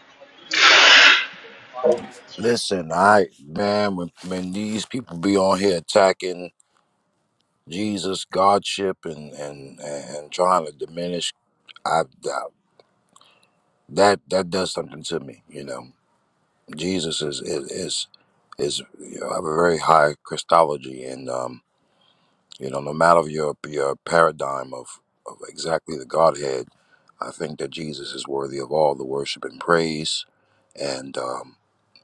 B: Listen, I man, when when these people be on here attacking Jesus, Godship, and and and trying to diminish, I that that that does something to me. You know, Jesus is is is. is you know, have a very high Christology, and um, you know, no matter your your paradigm of, of exactly the Godhead, I think that Jesus is worthy of all the worship and praise. And um,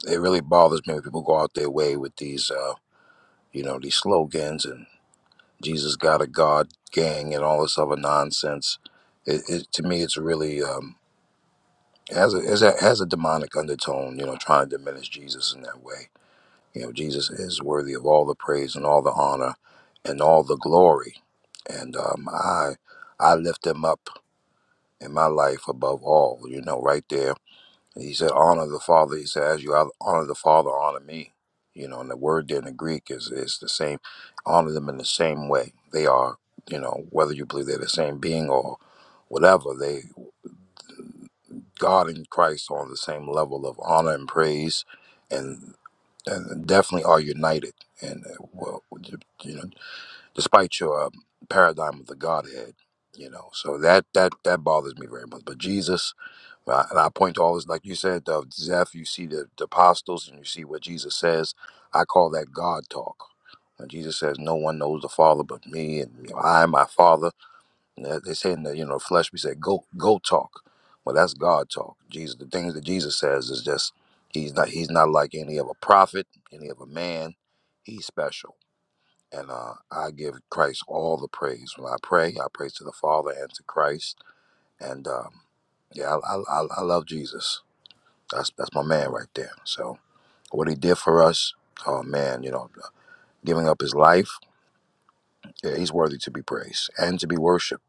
B: it really bothers me when people go out their way with these, uh, you know, these slogans and Jesus got a God gang and all this other nonsense. It, it to me, it's really um, it has a, it has a it has a demonic undertone, you know, trying to diminish Jesus in that way You know, Jesus is worthy of all the praise and all the honor and all the glory. And um, I, I lift him up in my life above all. You know, right there. he said, "Honor the Father." He said, "As you honor the Father, honor me." You know, and the word there in the Greek is is the same. Honor them in the same way. They are, you know, whether you believe they're the same being or whatever. They God and Christ are on the same level of honor and praise. and and definitely are united. And uh, well, you know, despite your um, paradigm of the Godhead, you know, so that that that bothers me very much. But Jesus, well, I- and I point to all this, like you said, uh, Zeph, you see the, the apostles and you see what Jesus says. I call that God talk. When Jesus says, "No one knows the Father but me, and you know, I and my Father." Uh, They say in the you know flesh, we say go go talk. Well, that's God talk. Jesus, the things that Jesus says is just he's not he's not like any of a prophet, any of a man. He's special, and uh, I give Christ all the praise when I pray. I praise to the Father and to Christ, and um, yeah, I, I, I I love Jesus. That's that's my man right there. So what he did for us, oh man, you know, giving up his life, yeah, he's worthy to be praised and to be worshipped.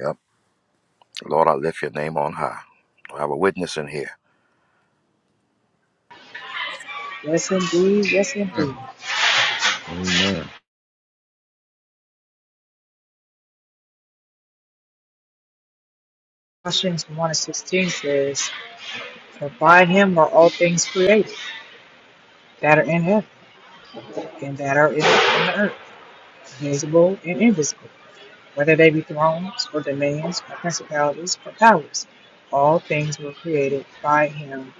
B: Yep. Lord, I lift your name on high. I have a witness in here.
A: Yes indeed, yes indeed.
E: Man, Amen.
A: Colossians 1 and 16 says, For by him are all things created, that are in heaven and that are in, in the earth, visible and invisible, whether they be thrones or dominions or principalities or powers. All things were created by him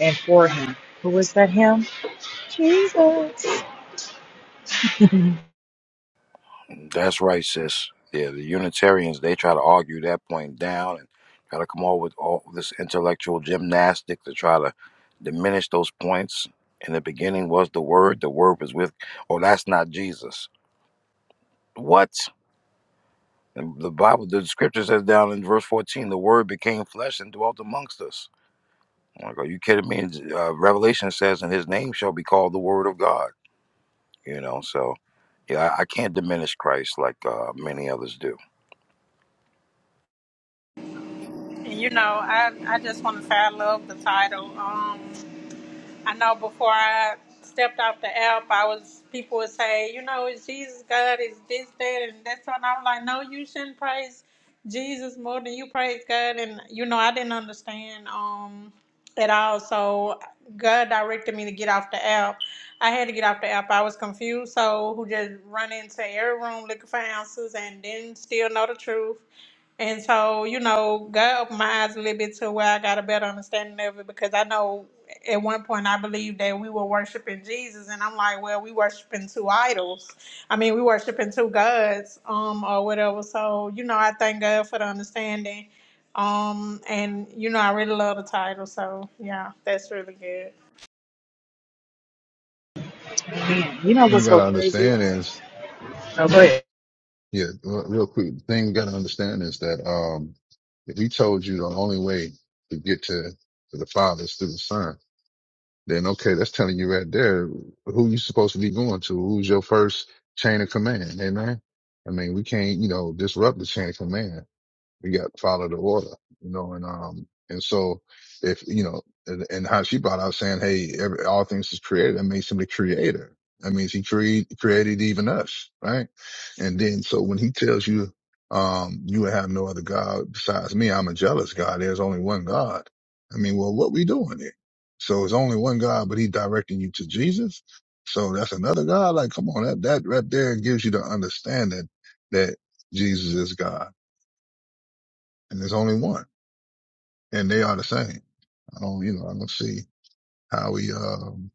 A: and for him. Who is that him?
B: That's right, sis. Yeah, the Unitarians, they try to argue that point down and try to come up with all this intellectual gymnastics to try to diminish those points. In the beginning was the Word. The Word was with, oh, that's not Jesus. What? And the Bible, the scripture says down in verse 14, the Word became flesh and dwelt amongst us. I'm like, are you kidding me? Uh, Revelation says, and his name shall be called the Word of God. You know, so Yeah, I, I can't diminish Christ like uh, many others do.
D: you know, I I just want to say I love the title. Um, I know before I stepped off the app, I was people would say, you know, is Jesus God? Is this that and that's and I am like, no, you shouldn't praise Jesus more than you praise God. And you know, I didn't understand um at all. So God directed me to get off the app. I had to get off the app. I was confused, so who just run into every room looking for answers and didn't still know the truth. And so, you know, God opened my eyes a little bit to where I got a better understanding of it because I know at one point I believed that we were worshiping Jesus, and I'm like, well, we worshiping two idols. I mean, we worshiping two gods, um, or whatever. So, you know, I thank God for the understanding. Um, and you know, I really love the title, so yeah, that's really good.
A: Man, you know
E: Thing we
A: what's so
E: gotta
A: crazy?
E: understand is
A: Oh, go ahead.
E: Yeah, re- real quick. The thing you got to understand is that um, if he told you the only way to get to, to the Father is through the Son, then okay, that's telling you right there who you supposed to be going to. Who's your first chain of command? Amen. I mean, we can't, you know, disrupt the chain of command we got to follow the order, you know, and, um, and so if, you know, and, and how she brought out saying, Hey, every, all things is created. That makes him the creator. That means he cre- created even us, right? And then, so when he tells you, um, you have no other God besides me, I'm a jealous God. There's only one God. I mean, well, what we doing here? So it's only one God, but he directing you to Jesus. So that's another God. Like, come on, that, that right there gives you the understanding that Jesus is God and there's only one and they are the same. I don't, you know, I don't see how we, um,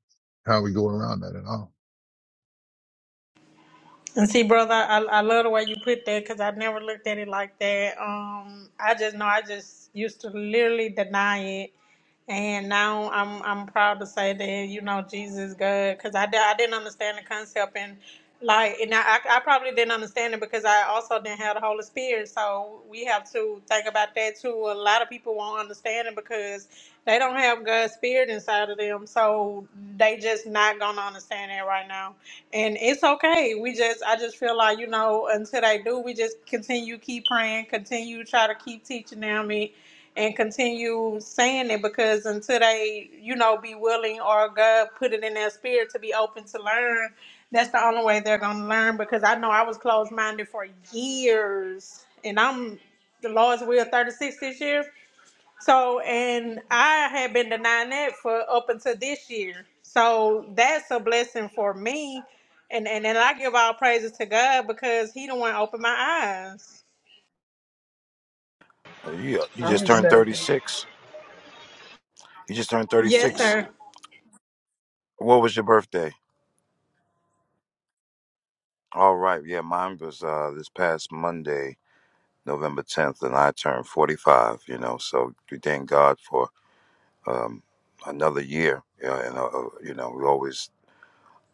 E: how we go around that at all.
D: And see, brother, I, I love the way you put that because I never looked at it like that. Um, I just know I just used to literally deny it And now I'm I'm proud to say that you know Jesus is good because I, di- I didn't understand the concept and like and I I probably didn't understand it because I also didn't have the Holy Spirit so we have to think about that too. A lot of people won't understand it because they don't have God's Spirit inside of them, so they just not gonna understand that right now. And it's okay. We just I just feel like you know until they do, we just continue keep praying, continue try to keep teaching them it and continue saying it because until they, you know, be willing or God put it in their spirit to be open to learn, that's the only way they're gonna learn. Because I know I was closed minded for years, and I'm the Lord's will 36 this year. So, and I had been denying that for up until this year. So that's a blessing for me. And, and and I give all praises to God because He the one opened my eyes.
B: Uh, Yeah, you
A: I
B: just
A: would
B: turned
A: say,
B: 36. You just turned
D: Yes,
B: 36.
D: sir.
B: What was your birthday? All right, yeah, mine was uh, this past Monday, November 10th, and I turned 45, you know, so we thank God for um, another year. You know, and, uh, uh, you know, we're always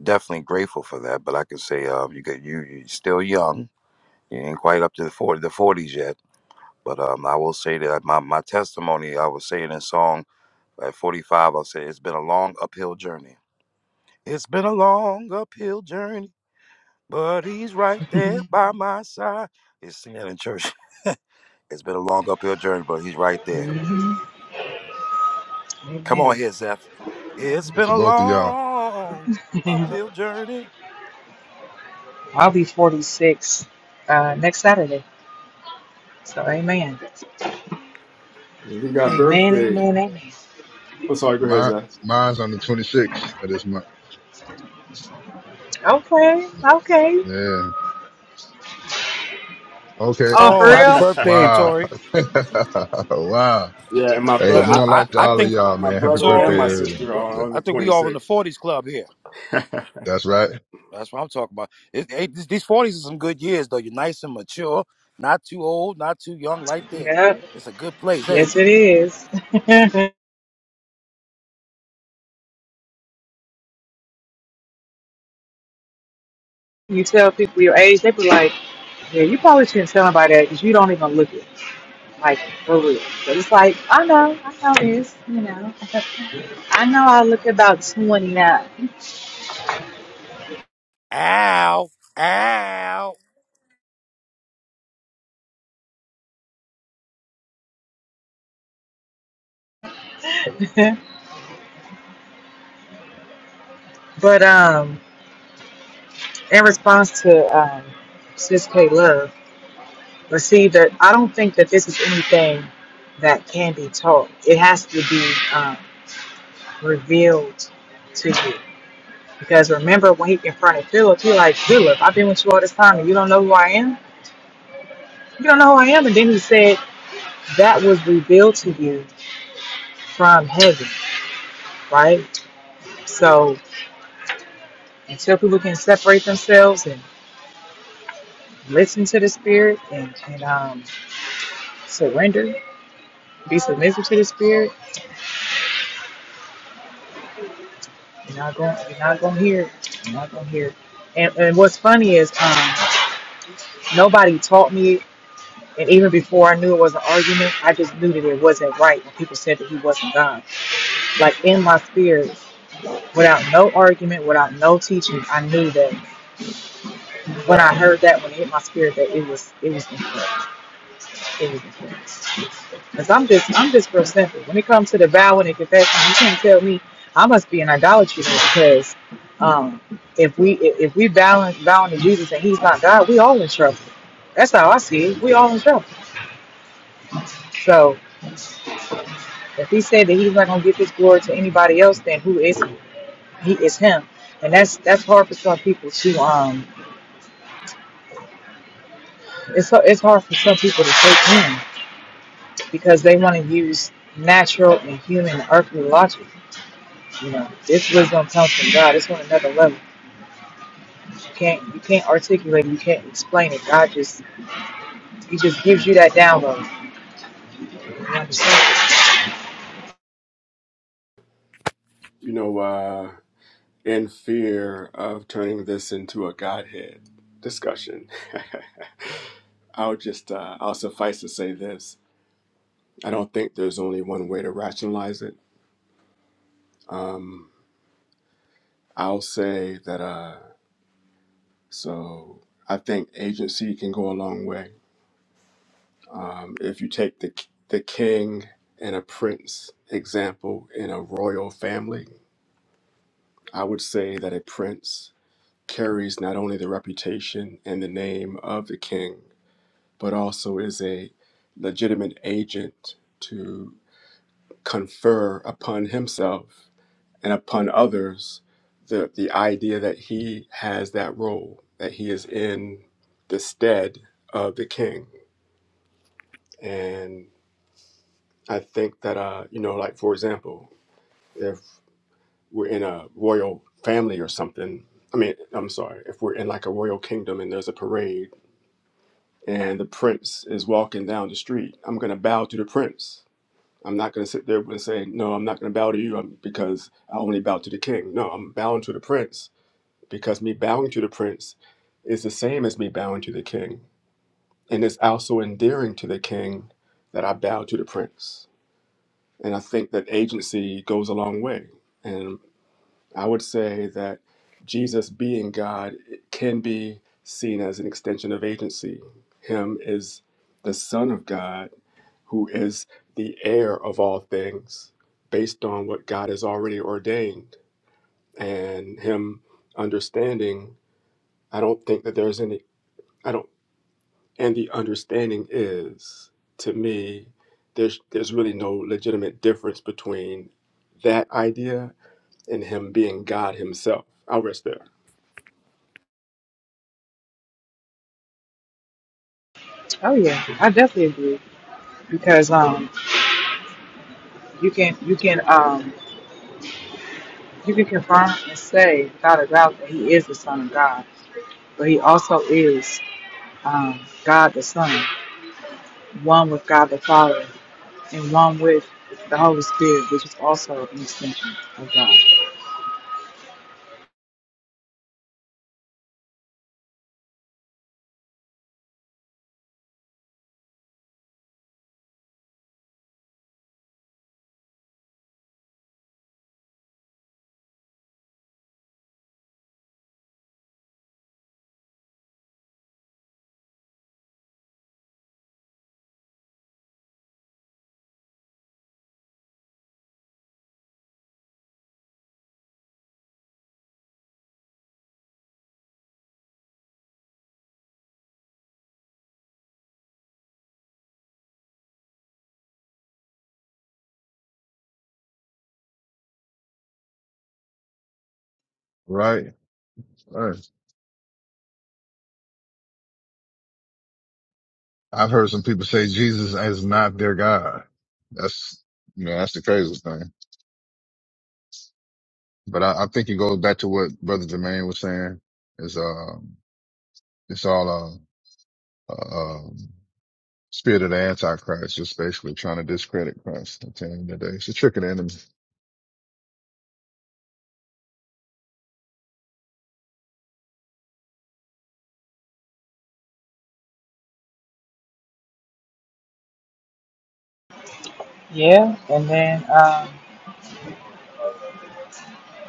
B: definitely grateful for that, but I can say uh, you get, you, you're still young. You ain't quite up to the 40, the 40s yet, but um, I will say that my, my testimony, I was saying in song, At 45, I'll say it's been a long uphill journey. It's been a long uphill journey, but he's
A: [LAUGHS]
B: right
A: hmm
B: there by my side. It's singing in church. [LAUGHS] It's been a long uphill journey, but he's right there.
A: Amen.
B: Come on here, Zeph. It's
A: Amen.
E: It's
B: been
E: to
B: a
E: both of y'all.
B: long
A: [LAUGHS]
B: uphill journey.
A: I'll be 46 uh, next Saturday. So amen.
F: We got
A: Amen,
F: birthday.
A: amen, amen.
F: I'm
E: Uh,
F: sorry. Go ahead,
E: My,
F: Zach.
E: mine's on the 26th of this month.
A: Okay, okay.
E: Yeah. Okay.
A: Oh, for
B: Oh, happy
A: real?
B: birthday,
F: [LAUGHS]
E: Wow.
B: Tori.
E: [LAUGHS] wow.
F: yeah, and
B: I-
F: my
E: Hey,
B: Look, I,
F: brother,
E: more
B: I,
E: life to
B: I
E: all of
B: think
E: y'all,
F: my
E: man. Happy
F: brother
E: birthday,
F: and my
B: Tori and
E: everyone.
F: sister
B: Br-
F: are
E: Yeah,
F: on
B: I
F: the
B: think we all in the
F: 26th.
B: 40s club here.
E: That's right.
B: That's what I'm talking about. It, it, these these 40s are some good years, though. You're nice and mature, not too old, not too young, right there.
A: Yep.
B: It's a good place, ain't
A: Yes,
B: it?
A: it is. [LAUGHS] you tell people your age, they be like, yeah, you probably shouldn't tell nobody that because you don't even look it. Like, for real. But it's like, I know, I know this, you know. I know I look about 29.
B: Ow! Ow!
A: [LAUGHS] but um, in response to um, Sis K Love, but see that I don't think that this is anything that can be taught. It has to be. Um, revealed to you. Because remember when he confronted Philip, he like, Philip, I've been with you all this time and you don't know who I am? You don't know who I am? And then he said, That was revealed to you from heaven, right? So until people can separate themselves and listen to the spirit and, and um surrender, be submissive to the spirit, you're not going you're not gonna hear it. You're not gonna hear it. And and what's funny is um nobody taught me And even before I knew it was an argument, I just knew that it wasn't right when people said that he wasn't God. Like in my spirit, without no argument, without no teaching, I knew that when I heard that, when it hit my spirit, that it was it was incorrect. It was incorrect. Cause I'm just I'm just real simple. When it comes to the vow and the confession, you can't tell me I must be an idolatry then because um, if we if if we balance vowing to Jesus and He's not God, we all in trouble. That's how I see it. We all in trouble. So. If he said that he's not gonna give his glory to anybody else, then who is he? He Is him, and that's that's hard for some people to um. It's so- it's hard for some people to take in because they want to use natural and human and earthly logic. You know, this wisdom comes from God. It's on another level. You can't you can't articulate. it, You can't explain it. God just he just gives you that download. You understand?
F: You know, uh, in fear of turning this into a godhead discussion. [LAUGHS] I'll just uh, I'll suffice to say this. I don't think there's only one way to rationalize it. Um, I'll say that. Uh, so I think agency can go a long way. Um, if you take the the king and a prince example in a royal family, I would say that a prince carries not only the reputation and the name of the king, but also is a legitimate agent to confer upon himself and upon others the, the idea that he has that role, that he is in the stead of the king. And I think that, uh, you know, like for example, if we're in a royal family or something, I mean, I'm sorry, if we're in like a royal kingdom and there's a parade and the prince is walking down the street, I'm going to bow to the prince. I'm not going to sit there and say, no, I'm not going to bow to you um, because I only bow to the king. No, I'm bowing to the prince because me bowing to the prince is the same as me bowing to the king. And it's also endearing to the king that I bow to the prince. And I think that agency goes a long way. And I would say that Jesus being God can be seen as an extension of agency. Him is the Son of God who is the heir of all things based on what God has already ordained. And Him understanding I don't think that there's any I don't, and the understanding is to me, there's there's really no legitimate difference between that idea and him being God himself. I'll rest there.
A: Oh yeah, I definitely agree because um you can you can um You can confirm and say without a doubt that he is the Son of God, but he also is um, God the Son, one with God the Father, and one with the Holy Spirit, which is also an extension of God.
E: Right. Right. I've heard some people say Jesus is not their God. That's, you know, that's the craziest thing. But I, I think it goes back to what Brother Jermaine was saying is, um, it's all, um, um, spirit of the Antichrist, just basically trying to discredit Christ at the end of the day. It's a trick of the enemy.
A: Yeah, and then um,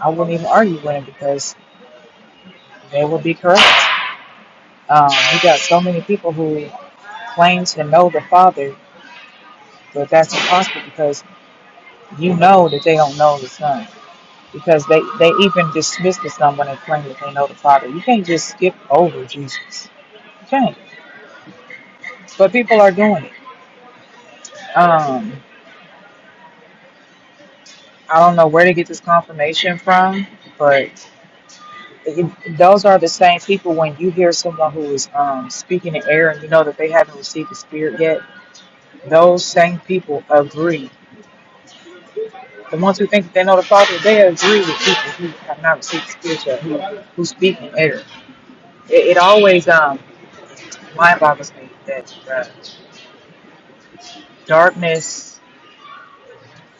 A: I wouldn't even argue with him because they would be correct. Um, you got so many people who claim to know the Father, but that's impossible because you know that they don't know the Son. because they, they even dismiss the someone and claim that they know the Father. You can't just skip over Jesus. You can't. But people are doing it. Um, I don't know where to get this confirmation from, but it, those are the same people when you hear someone who is um, speaking in air and you know that they haven't received the Spirit yet, those same people agree. The ones who think that they know the Father, they agree with people who have not received the Spirit yet, who, who speak in error. It, it always um, mind boggles me that. uh, Darkness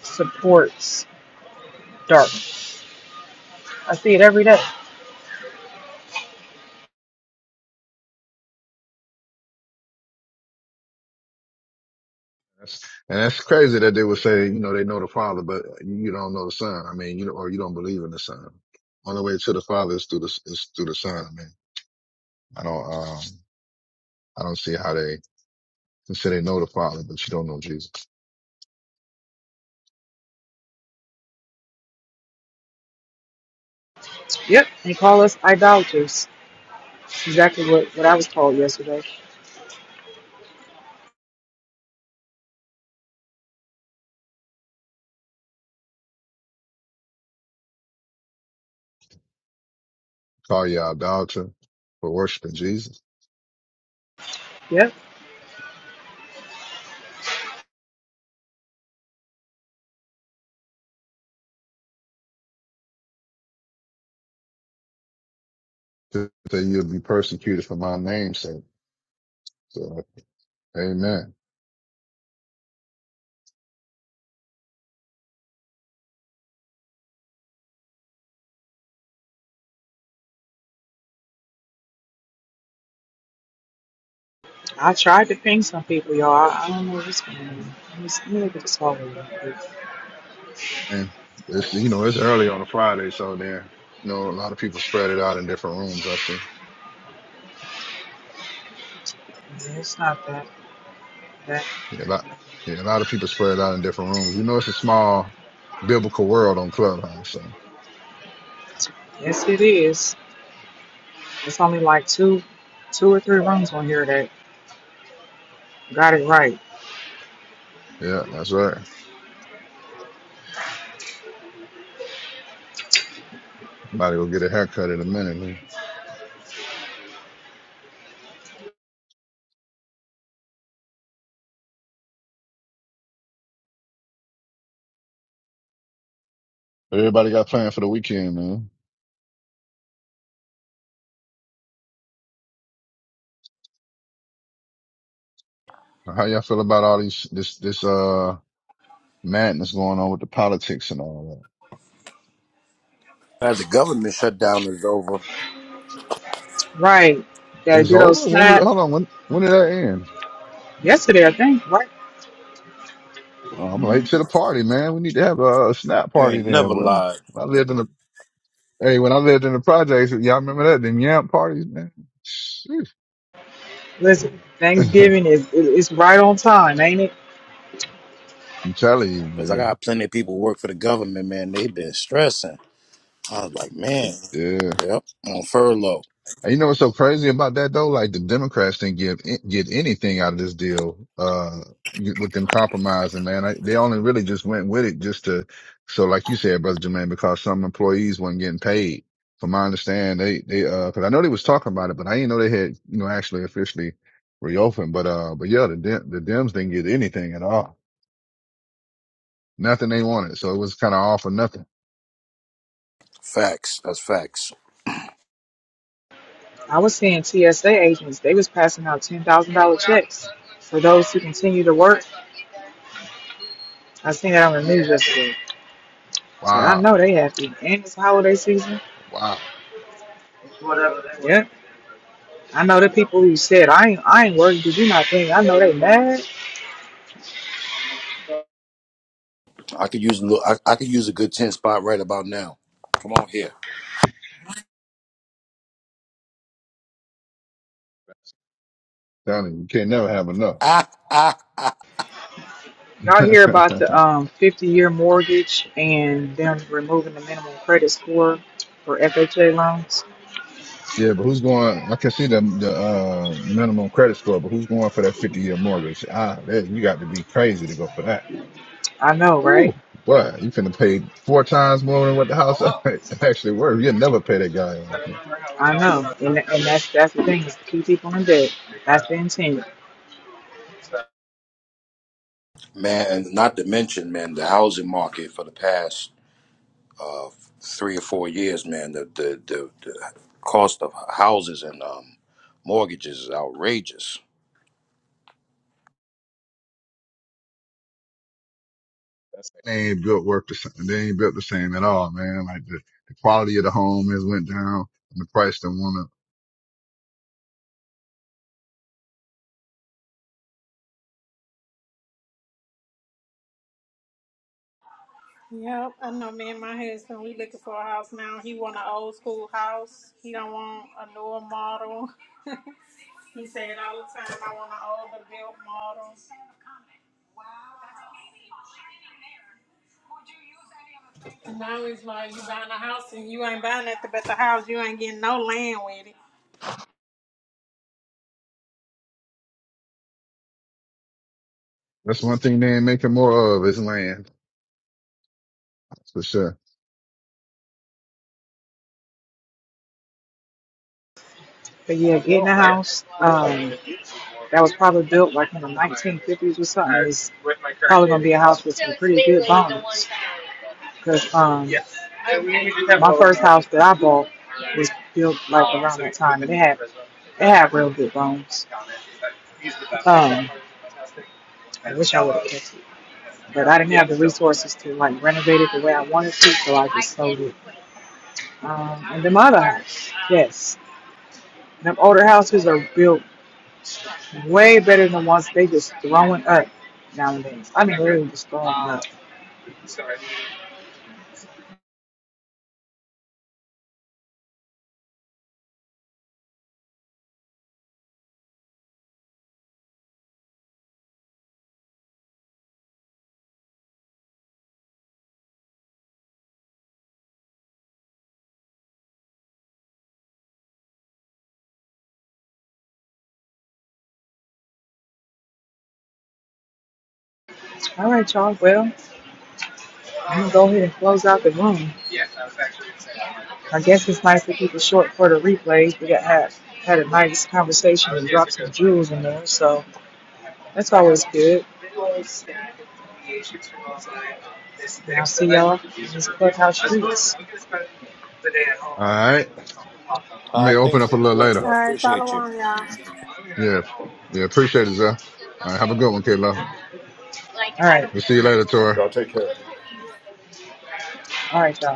A: supports dark. I see it every day.
E: That's, and that's crazy that they would say, you know, they know the Father, but you don't know the Son. I mean, you know, or you don't believe in the Son. Only way to the Father is through the, is through the Son. I mean, I don't, um, I don't see how they can say they know the Father, but you don't know Jesus.
A: Yep, they call us idolaters. Exactly what, what I was called yesterday.
E: Call you idolater for worshiping Jesus.
A: Yep,
E: That you'll be persecuted for my name's sake. So, amen.
A: I tried to ping some people, y'all. I, I don't know what's going on. Let me, let me look at this phone real quick.
E: And it's, you know, it's early on a Friday, so there, you know, a lot of people spread it out in different rooms. I see.
A: Yeah, It's not that. That
E: Yeah, a lot, yeah, a lot of people spread it out in different rooms. You know, it's a small biblical world on Clubhouse. So
A: yes, it is. It's only like two, two or three rooms on here that got it right.
E: yeah, that's right. About to go get a haircut in a minute. man. Everybody got plans for the weekend, man. How y'all feel about all these, this, this, uh, madness going on with the politics and all
B: As the government shutdown is over,
A: Right,
E: that?
A: that
E: It's
A: good old
E: over. When did,
A: snap
E: hold on. When, when did that end?
A: yesterday, I think. Right.
E: Oh, I'm late to the party, man. We need to have a, a snap
B: you
E: party
B: ain't
E: then,
B: never
E: boy.
B: lied.
E: I lived in a Hey, when I lived in the projects, y'all remember that? Them yamp parties, man? Shoot.
A: Listen,
E: [LAUGHS] I'm
A: Thanksgiving is it- it's right on time, ain't it?
E: telling you,
B: Because I
E: man.
B: got plenty of people who work for the government, man. they been stressing. I was like, man,
E: Yeah.
B: yep, on furlough.
E: And you know what's so crazy about that though? Like the Democrats didn't give, get anything out of this deal, uh, with them compromising, man. I, they only really just went with it just to, so like you said, brother Jermaine, because some employees weren't getting paid. From my understand, they, they, uh, cause I know they was talking about it, but I didn't know they had, you know, actually officially reopened. But, uh, but yeah, the, Dem- the Dems didn't get anything at all. nothing they wanted. So it was kind of all for nothing.
B: Facts. That's facts.
A: I was seeing TSA agents, they was passing out $10,000 checks for those who continue to work. I seen that on the news yesterday. So I
E: Wow.
A: know they happy. And this holiday season.
E: Wow.
A: Yep. I know the people who said, I ain't, I ain't worried. Did you not think? I know they mad.
B: I could use a little, I, I could use a good 10 spot right about now. Come on here.
E: Telling you, you can't never have enough.
B: [LAUGHS] Ah, ah, ah.
A: Y'all hear about the
E: [LAUGHS]
A: um, 50 year mortgage and them removing the minimum credit score for FHA loans?
E: yeah, but who's going? I can see the the uh, minimum credit score, but who's going for that fifty year mortgage? Ah, that, you got to be crazy to go for that.
A: I know,
E: Ooh,
A: right?
E: boy, you finna pay four times more than what the house [LAUGHS] actually worth. You'll never pay that guy off. man.
A: I know. And, and that's that's the thing is to keep people in debt. That's the intent.
B: Man, and not to mention, man, the housing market for the past uh, three or four years, man, the, the, the, the cost of houses and um, mortgages is outrageous.
E: They ain't built worth the same. They ain't built the same at all, man. Like the, the quality of the home has went down, and the price done went up.
D: Yep, I know me and my husband, we looking for a house now. He want an old school house. He don't want a newer model. [LAUGHS] He said all the time, I want an older built model. And now he's like, you buying a house and you ain't buying nothing but the house. You ain't getting no land with it.
E: That's one thing they ain't making more of is land that's for sure.
A: But yeah, getting a house. Um, that was probably built like in the 1950s or something. It's probably gonna be a house with some pretty good bones. Cause um, my first house that I bought was built like around that time, and it had it had real good bones. Um, I wish I would have kept it, but I didn't have the resources to like renovate it the way I wanted to, so I just sold it. Um, and then my other house, yes, them older houses are built Way better than the ones they just throwing up nowadays. I mean, really just throwing up. All right, y'all. Well, I'm gonna go ahead and close out the room. I guess it's nice to keep it short for the replays. We got had had a nice conversation and dropped some jewels in there, so that's always good. And I'll see y'all in these clubhouse streets.
E: All right.
B: All
E: May
B: right,
E: open
B: thanks
E: up a
B: for the
E: little
B: I think we
E: later.
D: All
B: don't
D: right, follow
B: appreciate you.
D: on, y'all.
E: Yeah. Yeah. Appreciate it, Zell. All right. Have a good one, Kayla.
A: All right,
E: We'll see you later, Tori.
F: Y'all take care.
A: all right, y'all.